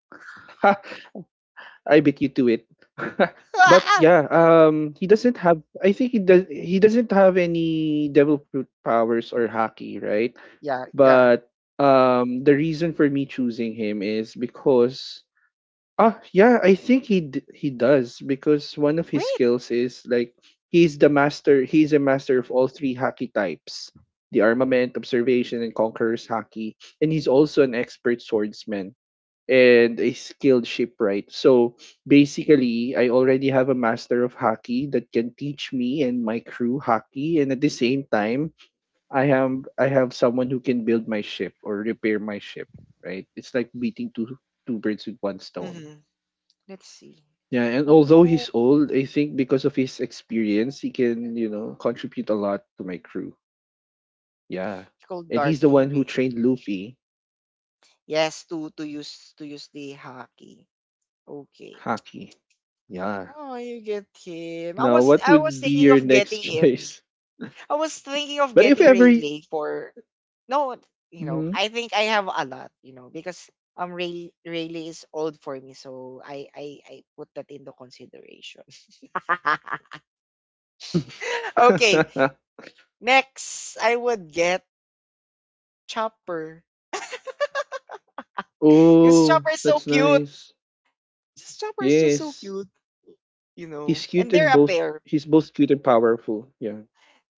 B: I beat you to it. [laughs] But yeah,
A: [laughs]
B: he doesn't have, I think he does, he doesn't have any devil fruit powers or haki, right?
A: Yeah, yeah.
B: But the reason for me choosing him is because yeah, I think he does because one of his
A: Wait.
B: skills is like he's a master of all three haki types. The armament, observation, and conqueror's haki. And he's also an expert swordsman and a skilled shipwright. So basically, I already have a master of hockey that can teach me and my crew hockey, and at the same time, I have someone who can build my ship or repair my ship. Right? It's like beating two birds with one stone.
A: Hmm. Let's see.
B: Yeah, and
A: Oh
B: although
A: no,
B: he's old, I think because of his experience, he can contribute a lot to my crew. Yeah,
A: it's called
B: and he's the
A: darking
B: one who
A: rail.
B: trained Luffy
A: Yes, to use the hockey. Okay.
B: hockey. Yeah.
A: Oh, you get him. I
B: Now,
A: was
B: what
A: I was
B: would be
A: thinking
B: your
A: of
B: next [laughs]
A: getting him.
B: choice?
A: I was thinking of
B: But if
A: getting
B: every.
A: Rayleigh for no, you know,
B: Mhm.
A: I think I have a lot, you know, because Rayleigh is old for me, so I put that into consideration. [laughs] Okay,
B: [coughs]
A: next I would get Chopper. [laughs] Because Chopper
B: Oh,
A: is so
B: that's
A: cute.
B: nice.
A: This Chopper is just so
B: Yes.
A: cute. You
B: He's
A: know?
B: cute
A: And
B: and
A: they're a
B: both
A: pair.
B: he's both cute and powerful. Yeah.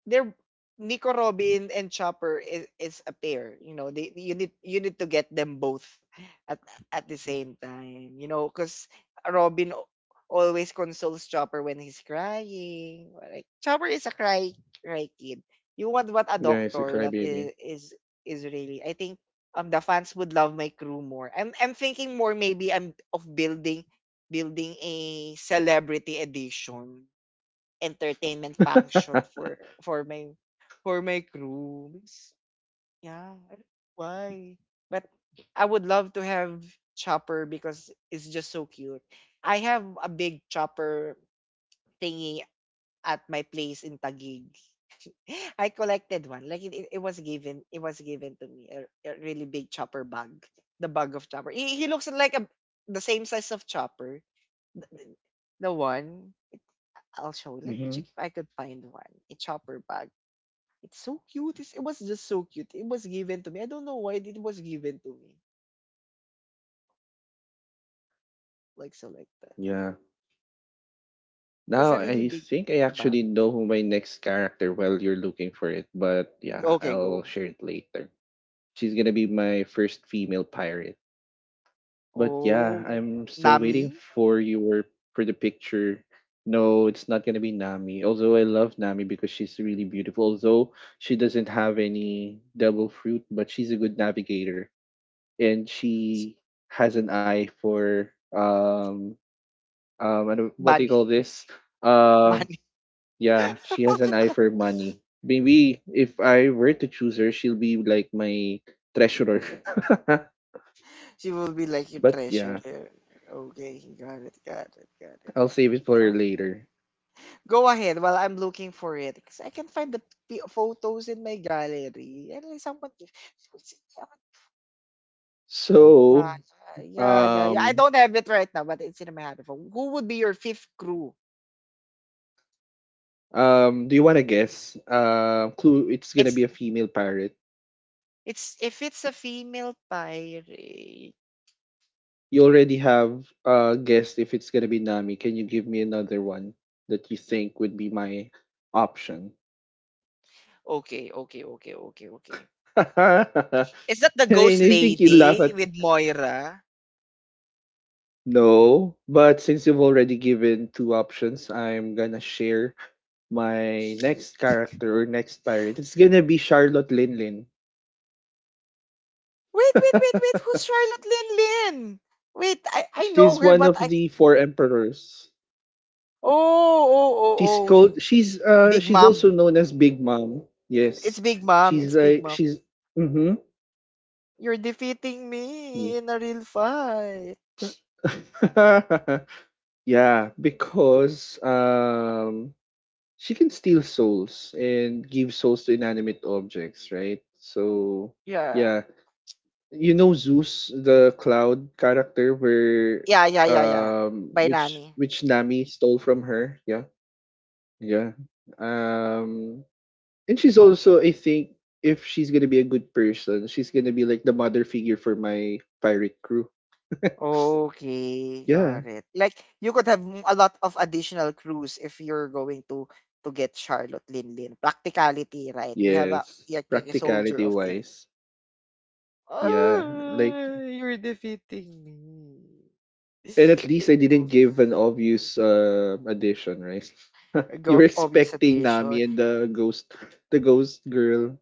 A: They're Nico Robin and Chopper is a pair. You know, they you need to get them both at at the same time. You know, because Robin al- always consoles Chopper when he's crying. Like Chopper is a cry cry kid. You want what a
B: Yeah, he's a
A: doctor that
B: crybaby.
A: is is really. I think the fans would love my crew more. I'm thinking more maybe I'm of building building a celebrity edition entertainment function
B: [laughs]
A: for my for my crew. Because, yeah, I don't know why. But I would love to have chopper because it's just so cute. I have a big chopper thingy at my place in Taguig. [laughs] I collected one. Like it was given, it was given to me a really big chopper bug. The bug of chopper. He looks like a the same size of chopper the the one. I'll show you. Let me
B: Hmm.
A: check if I could find one. A chopper bag. It's so cute. It's, it was just so cute. It was given to me. I don't know why it was given to me. Like so, like that. It
B: Yeah.
A: was
B: Now
A: a really
B: I
A: big
B: think I
A: bag.
B: actually know who my next character while you're looking for it, but yeah,
A: Okay,
B: I'll
A: go.
B: share it later. She's gonna be my first female pirate. But yeah,
A: Oh,
B: I'm still waiting
A: Nami,
B: for the picture. No, it's not gonna be Nami. Although I love Nami because she's really beautiful. Although she doesn't have any devil fruit, but she's a good navigator and
A: Sh-
B: she has an eye for I don't- what do you call
A: Bunny,
B: this?
A: [laughs]
B: Um
A: Bunny.
B: yeah, she has an eye for
A: [laughs]
B: money. Maybe if I were to choose her, she'll be like my treasurer. [laughs]
A: She will be like your
B: But
A: treasure
B: yeah,
A: there. Okay, got it, got it, got
B: I'll save it for
A: it.
B: later.
A: Go ahead while I'm looking for it. Because I can find the photos in my gallery. And then someone, it's- yeah,
B: So,
A: yeah. I
B: um,
A: don't have it right now, but it's in my habit. Who would be your fifth crew?
B: do you want to guess? Clue. It's gonna
A: It's
B: be a female pirate.
A: it's if it's a female pirate.
B: You already have guessed if it's gonna be Nami. Can you give me another one that you think would be my option?
A: Okay.
B: [laughs] And
A: Is that the ghost
B: I think you laugh
A: lady
B: at
A: with Moira?
B: no, but since you've already given two options, I'm gonna share my next character or next pirate. It's gonna be Charlotte Linlin.
A: Wait.
B: [laughs]
A: Who's Charlotte Lin Lin? Wait, I know
B: She's
A: her,
B: one
A: but
B: of
A: I.
B: the four emperors.
A: Oh, oh,
B: She's
A: oh, oh.
B: called
A: Big
B: she's
A: Mom.
B: also known as Big Mom.
A: It's
B: Yes.
A: Big Mom. It's
B: She's
A: Big
B: like
A: Mom.
B: she's mm-hmm.
A: You're defeating
B: Yeah.
A: me in a real fight.
B: [laughs] Yeah, because she can steal souls and give souls to inanimate objects, right? So
A: Yeah.
B: yeah. You know Zeus, the cloud character where
A: Yeah, yeah, yeah, yeah. By
B: which
A: Nami.
B: which Nami stole from her, yeah. Yeah. Um And she's also, I think, if she's gonna be a good person, she's gonna be like the mother figure for my pirate crew. [laughs]
A: Okay, got
B: Yeah.
A: it. Like you could have a lot of additional crews if you're going to get Charlotte Lin Lin. Practicality, right? You have a
B: Yes.
A: like a soldier
B: Practicality
A: of things.
B: wise. Yeah. Like
A: Oh, you're defeating me.
B: and at least I didn't
A: Go,
B: give an obvious addition, right? [laughs] You were
A: go obvious
B: expecting
A: addition.
B: Nami and the ghost girl.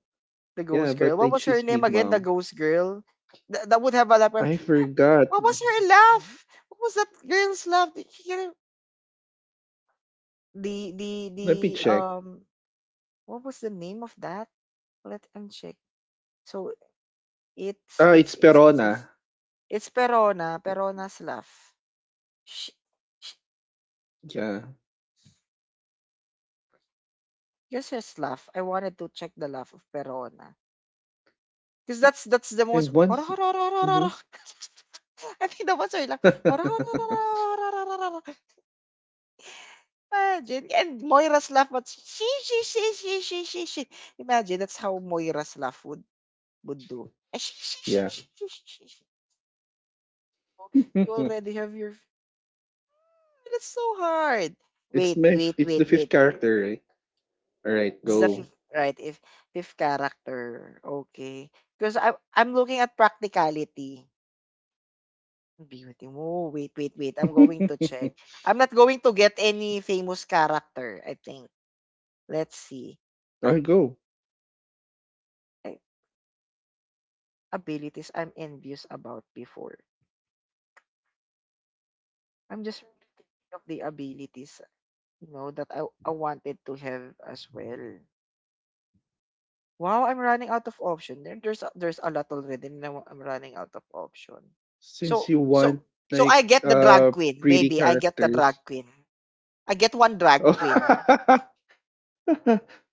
A: The
B: Yeah,
A: ghost
B: but
A: girl. What
B: I
A: was her
B: choose
A: name
B: Big
A: again? The
B: Mom.
A: ghost girl. That would have a laugh.
B: I forgot.
A: What was her laugh? What was that girl's laugh? Did she get it? The the
B: Let me check.
A: um. What was the name of that? Let me check. So it's
B: Ah, it's
A: it's it's it's it's
B: Perona.
A: it's Perona. Perona's laugh. She, she
B: Yeah.
A: just laugh. I wanted to check the laugh of Perona because that's the most.
B: And
A: [laughs] I
B: Mhm.
A: think that was her laugh. [laughs] Imagine, and Moira's laugh, but she, she. Imagine, that's how Moira's laugh would do. And
B: [laughs] Yeah.
A: she, she. She. Oh, you
B: [laughs]
A: already have your, that's so hard.
B: it's
A: Wait,
B: my
A: wait,
B: it's
A: wait,
B: the fifth
A: wait.
B: character, right? Alright,
A: It's the
B: go.
A: fifth, right, if, fifth character. Okay. Because I, I'm looking at practicality. Beauty. Oh, wait. I'm going to
B: [laughs]
A: check. I'm not going to get any famous character, I think. Let's see.
B: I'll go.
A: I- Abilities I'm envious about before. I'm just thinking of the abilities, you know, that I wanted to have as well. Wow, I'm running out of option. There's a lot already. And Now I'm running out of option.
B: Since
A: So
B: you
A: so
B: want
A: so I
B: like
A: get the drag queen.
B: pretty
A: Maybe I get the
B: characters.
A: drag queen. I get one drag queen.
B: Oh. [laughs]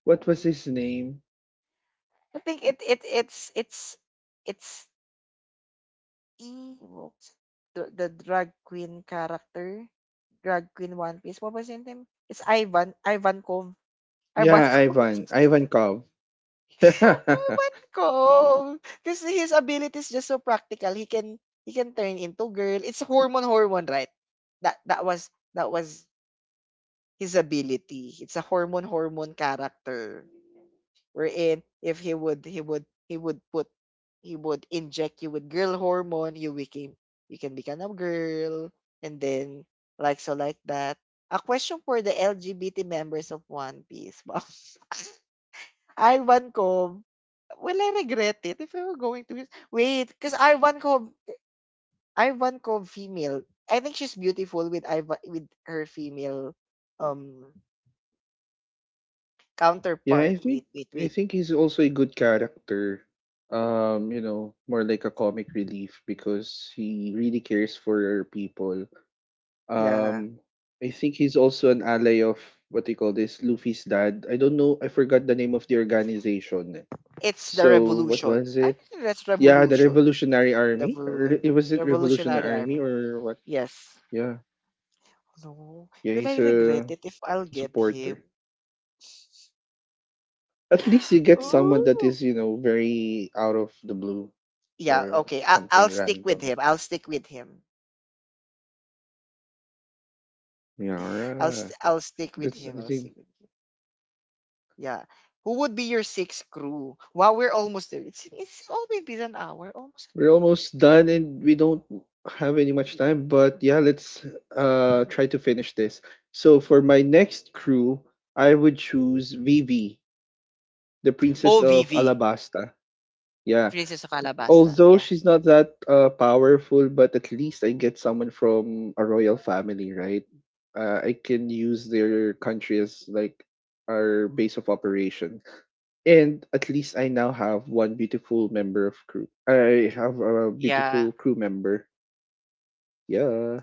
B: What was his name?
A: I think it it it's evil. The drag queen character, drag queen One Piece. What was his name? It's Ivankov.
B: Yeah,
A: Ivankov.
B: Ivan.
A: [laughs]
B: Ivan Kov. [laughs] Yeah,
A: Ewan ko. Cause his ability is just so practical. He can turn into girl. It's hormone hormone, right? That that was that was his ability. It's a hormone hormone character. Wherein if he would put, he would inject you with girl hormone, you became you can become a girl and then like so like that. A question for the LGBT members of One Piece. [laughs] Wow. Ivankov. Will I regret it if I were going to his wait? Because Ivankov, Ivankov female. I think she's beautiful with Ivan with her female um counterpart.
B: I think
A: Wait, wait,
B: I
A: wait.
B: think he's also a good character. More like a comic relief because he really cares for people.
A: Yeah,
B: Um, I think he's also an ally of what they call this, Luffy's dad. I don't know. I forgot the name of the organization.
A: it's the
B: So what
A: revolution.
B: was
A: I
B: it?
A: think that's
B: Yeah, the
A: revolution.
B: Revolutionary
A: The
B: Army. Or was it Revolutionary
A: Revolutionary
B: Army
A: army.
B: or what?
A: Yes.
B: Yeah,
A: No.
B: yeah,
A: Will
B: he's
A: I regret
B: a
A: it if I'll get him?
B: supporter. At least you
A: [gasps]
B: get someone that
A: Ooh.
B: is very out of the blue
A: Yeah.
B: or
A: Okay. I'll
B: something
A: stick with
B: random.
A: him. I'll stick with him.
B: Yeah,
A: I'll stick with
B: that's
A: him.
B: I
A: I'll
B: think.
A: stick with him. Yeah. Who would be your sixth crew? Wow, we're almost there. It's always been an hour. Almost.
B: We're almost done and we don't have any much time, but yeah, let's try to finish this. So for my next crew, I would choose Vivi, the
A: Oh,
B: Princess of
A: Vivi,
B: Alabasta. Yeah.
A: Princess of Alabasta.
B: Although
A: Yeah.
B: she's not that powerful, but at least I get someone from a royal family, right? I can use their country as like our base of operation. And at least I now have one beautiful member of crew. I have a
A: Yeah.
B: beautiful crew member. Yeah.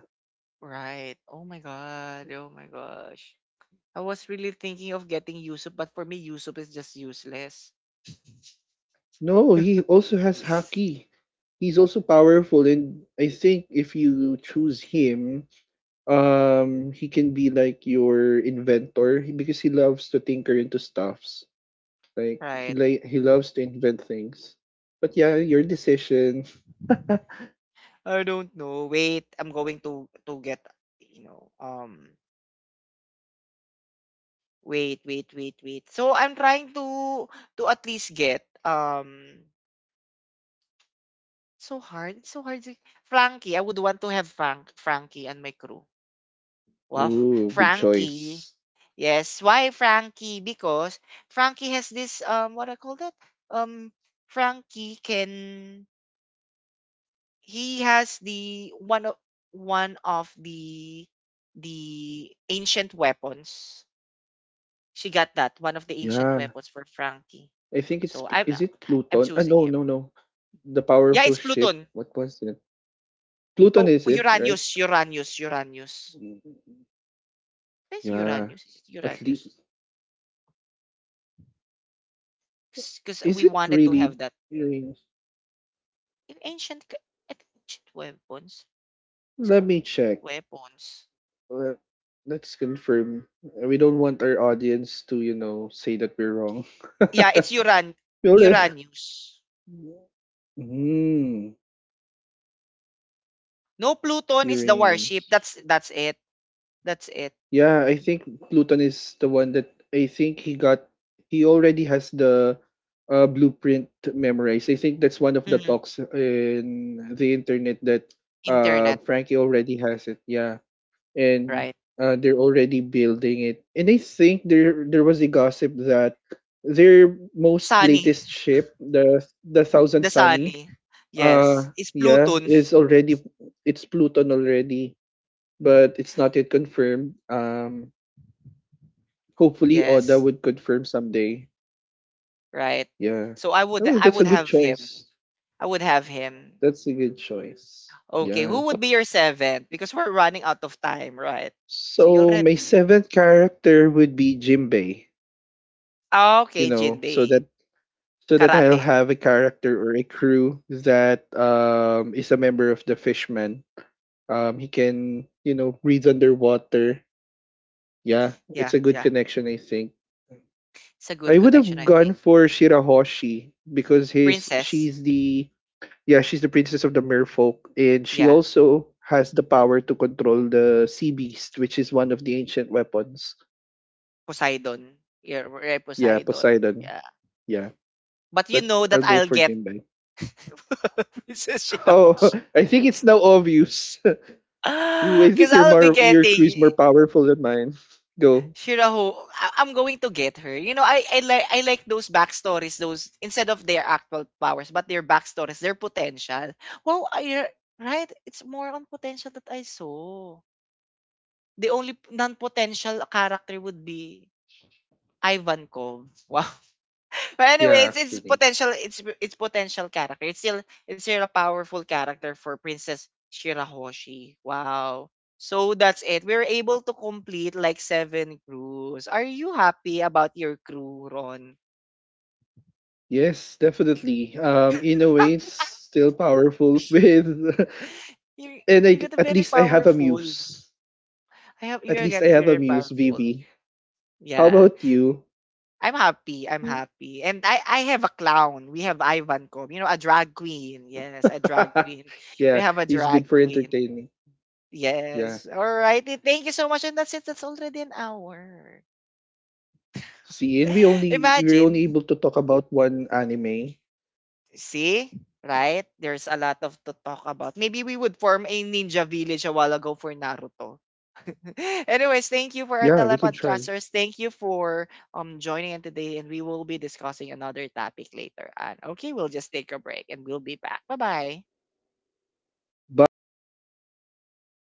A: Right. Oh my god. Oh my gosh. I was really thinking of getting Yusup, but for me, Yusup is just useless.
B: No, he also has Haki.
A: [laughs]
B: He's also powerful and I think if you choose him, he can be like your inventor because he loves to tinker into stuffs. Like he
A: Right.
B: like he loves to invent things. But yeah, your decision. [laughs]
A: I don't know. Wait, I'm going to get you know. Wait. So I'm trying to at least get um, so hard, it's so hard. To Frankie, I would want to have Frank, Frankie and my crew. Wow, [laughs]
B: Ooh, good
A: Frankie.
B: choice.
A: Yes, why Frankie? Because Frankie has this what I call that? Um Frankie can he has the one of the ancient weapons. She got that, one of the ancient
B: Yeah.
A: weapons for Frankie.
B: I think
A: So
B: Is it
A: I'm
B: Pluton?
A: choosing
B: No,
A: him.
B: no, no. The
A: Yeah,
B: powerful
A: it's
B: ship.
A: Pluton.
B: What was it? Pluton
A: Oh,
B: is it, right?
A: Uranus.
B: Mm,
A: That's
B: yeah.
A: Uranus. Is it
B: At
A: Uranus?
B: least.
A: Because
B: Is
A: we
B: it
A: wanted to
B: really
A: have that
B: earrings?
A: in I think ancient weapons. It's
B: Let
A: called
B: me check.
A: weapons.
B: Let, let's confirm. We don't want our audience to say that we're wrong. [laughs]
A: Yeah, it's
B: We already.
A: Uranus.
B: Mm,
A: No, Pluton is the warship.
B: Uranus.
A: That's it. That's it.
B: Yeah, I think Pluton is the one that I think he got. He already has the blueprint memorized. I think that's one of the
A: Mhm.
B: talks in the internet that
A: Internet,
B: Frankie already has it. Yeah. and
A: right?
B: uh, they're already building it. And I think there was a gossip that their most
A: Sunny,
B: latest ship, the Thousand
A: the
B: Sunny,
A: Sunny. Yes, it's
B: yeah,
A: Pluton.
B: is already it's Pluton already, but it's not yet confirmed. Hopefully Oda
A: Yes,
B: would confirm someday.
A: right.
B: Yeah,
A: So
B: well,
A: I
B: that's a
A: would
B: good
A: have him.
B: choice.
A: I would have him.
B: That's a good choice.
A: Okay,
B: Yeah.
A: who would be your seventh? Because we're running out of time, right? So you
B: So my
A: already,
B: seventh character would be Jimbei.
A: ah,
B: You
A: okay,
B: know, so
A: Jinbei.
B: that I'll
A: Karate.
B: have a character or a crew that is a member of the fishman. He can breathe underwater. Yeah,
A: Yeah,
B: it's a good
A: yeah.
B: connection, I think.
A: It's a
B: I
A: good
B: would
A: connection,
B: have
A: I
B: gone
A: think.
B: for Shirahoshi because his
A: Princess.
B: she's the yeah she's the princess of the merfolk and she
A: Yeah.
B: also has the power to control the sea beast, which is one of the ancient weapons.
A: Poseidon. Yeah, are at
B: Yeah,
A: Poseidon.
B: Poseidon.
A: Yeah.
B: Yeah,
A: But you
B: but
A: know
B: I'll
A: that
B: go
A: I'll
B: for
A: get
B: Jinbei.
A: [laughs] Princess
B: [laughs] Oh,
A: Shirahoshi.
B: I think it's now obvious. Ooh, I
A: [gasps]
B: think
A: Because
B: your
A: I'll be
B: more your crew's
A: getting
B: more powerful than mine. [laughs] Go.
A: Shiraho. I'm going to get her. You know, I like those backstories, those instead of their actual powers, but their backstories, their potential. Well, I, right? It's more on potential that I saw. The only non-potential character would be Ivankov. [laughs] Wow. But anyway,
B: Yeah,
A: it's
B: actually.
A: it's potential character. It's still a powerful character for Princess Shirahoshi. Wow. So that's it. We were able to complete like seven crews. Are you happy about your crew, Ron?
B: Yes, definitely. In a way, it's still powerful [laughs]
A: [laughs] you you got a
B: at
A: very
B: least I have a
A: powerful.
B: muse.
A: I have
B: At
A: you
B: least
A: get
B: I have a
A: very
B: muse,
A: powerful.
B: Vivi. How
A: Yeah.
B: about you?
A: I'm happy. I'm happy. And I have a clown. We have Ivan Kom. You know, a drag queen. Yes, a drag queen.
B: [laughs]
A: We
B: Yeah,
A: have a
B: he's good
A: drag
B: for
A: queen.
B: entertaining. Yeah.
A: Yes. All righty. Thank you so much. And that's it. That's already an hour.
B: See, and we
A: [laughs]
B: only we were only
A: Imagine.
B: able to talk about one anime.
A: See? Right? There's a lot of to talk about. Maybe we would form a ninja village a while ago for Naruto. [laughs] Anyways, thank you for our
B: Yeah, we can try.
A: telepodcasters. Thank you for joining in today, and we will be discussing another topic later on. Okay, we'll just take a break and we'll be back. Bye bye.
B: Bye, you guys.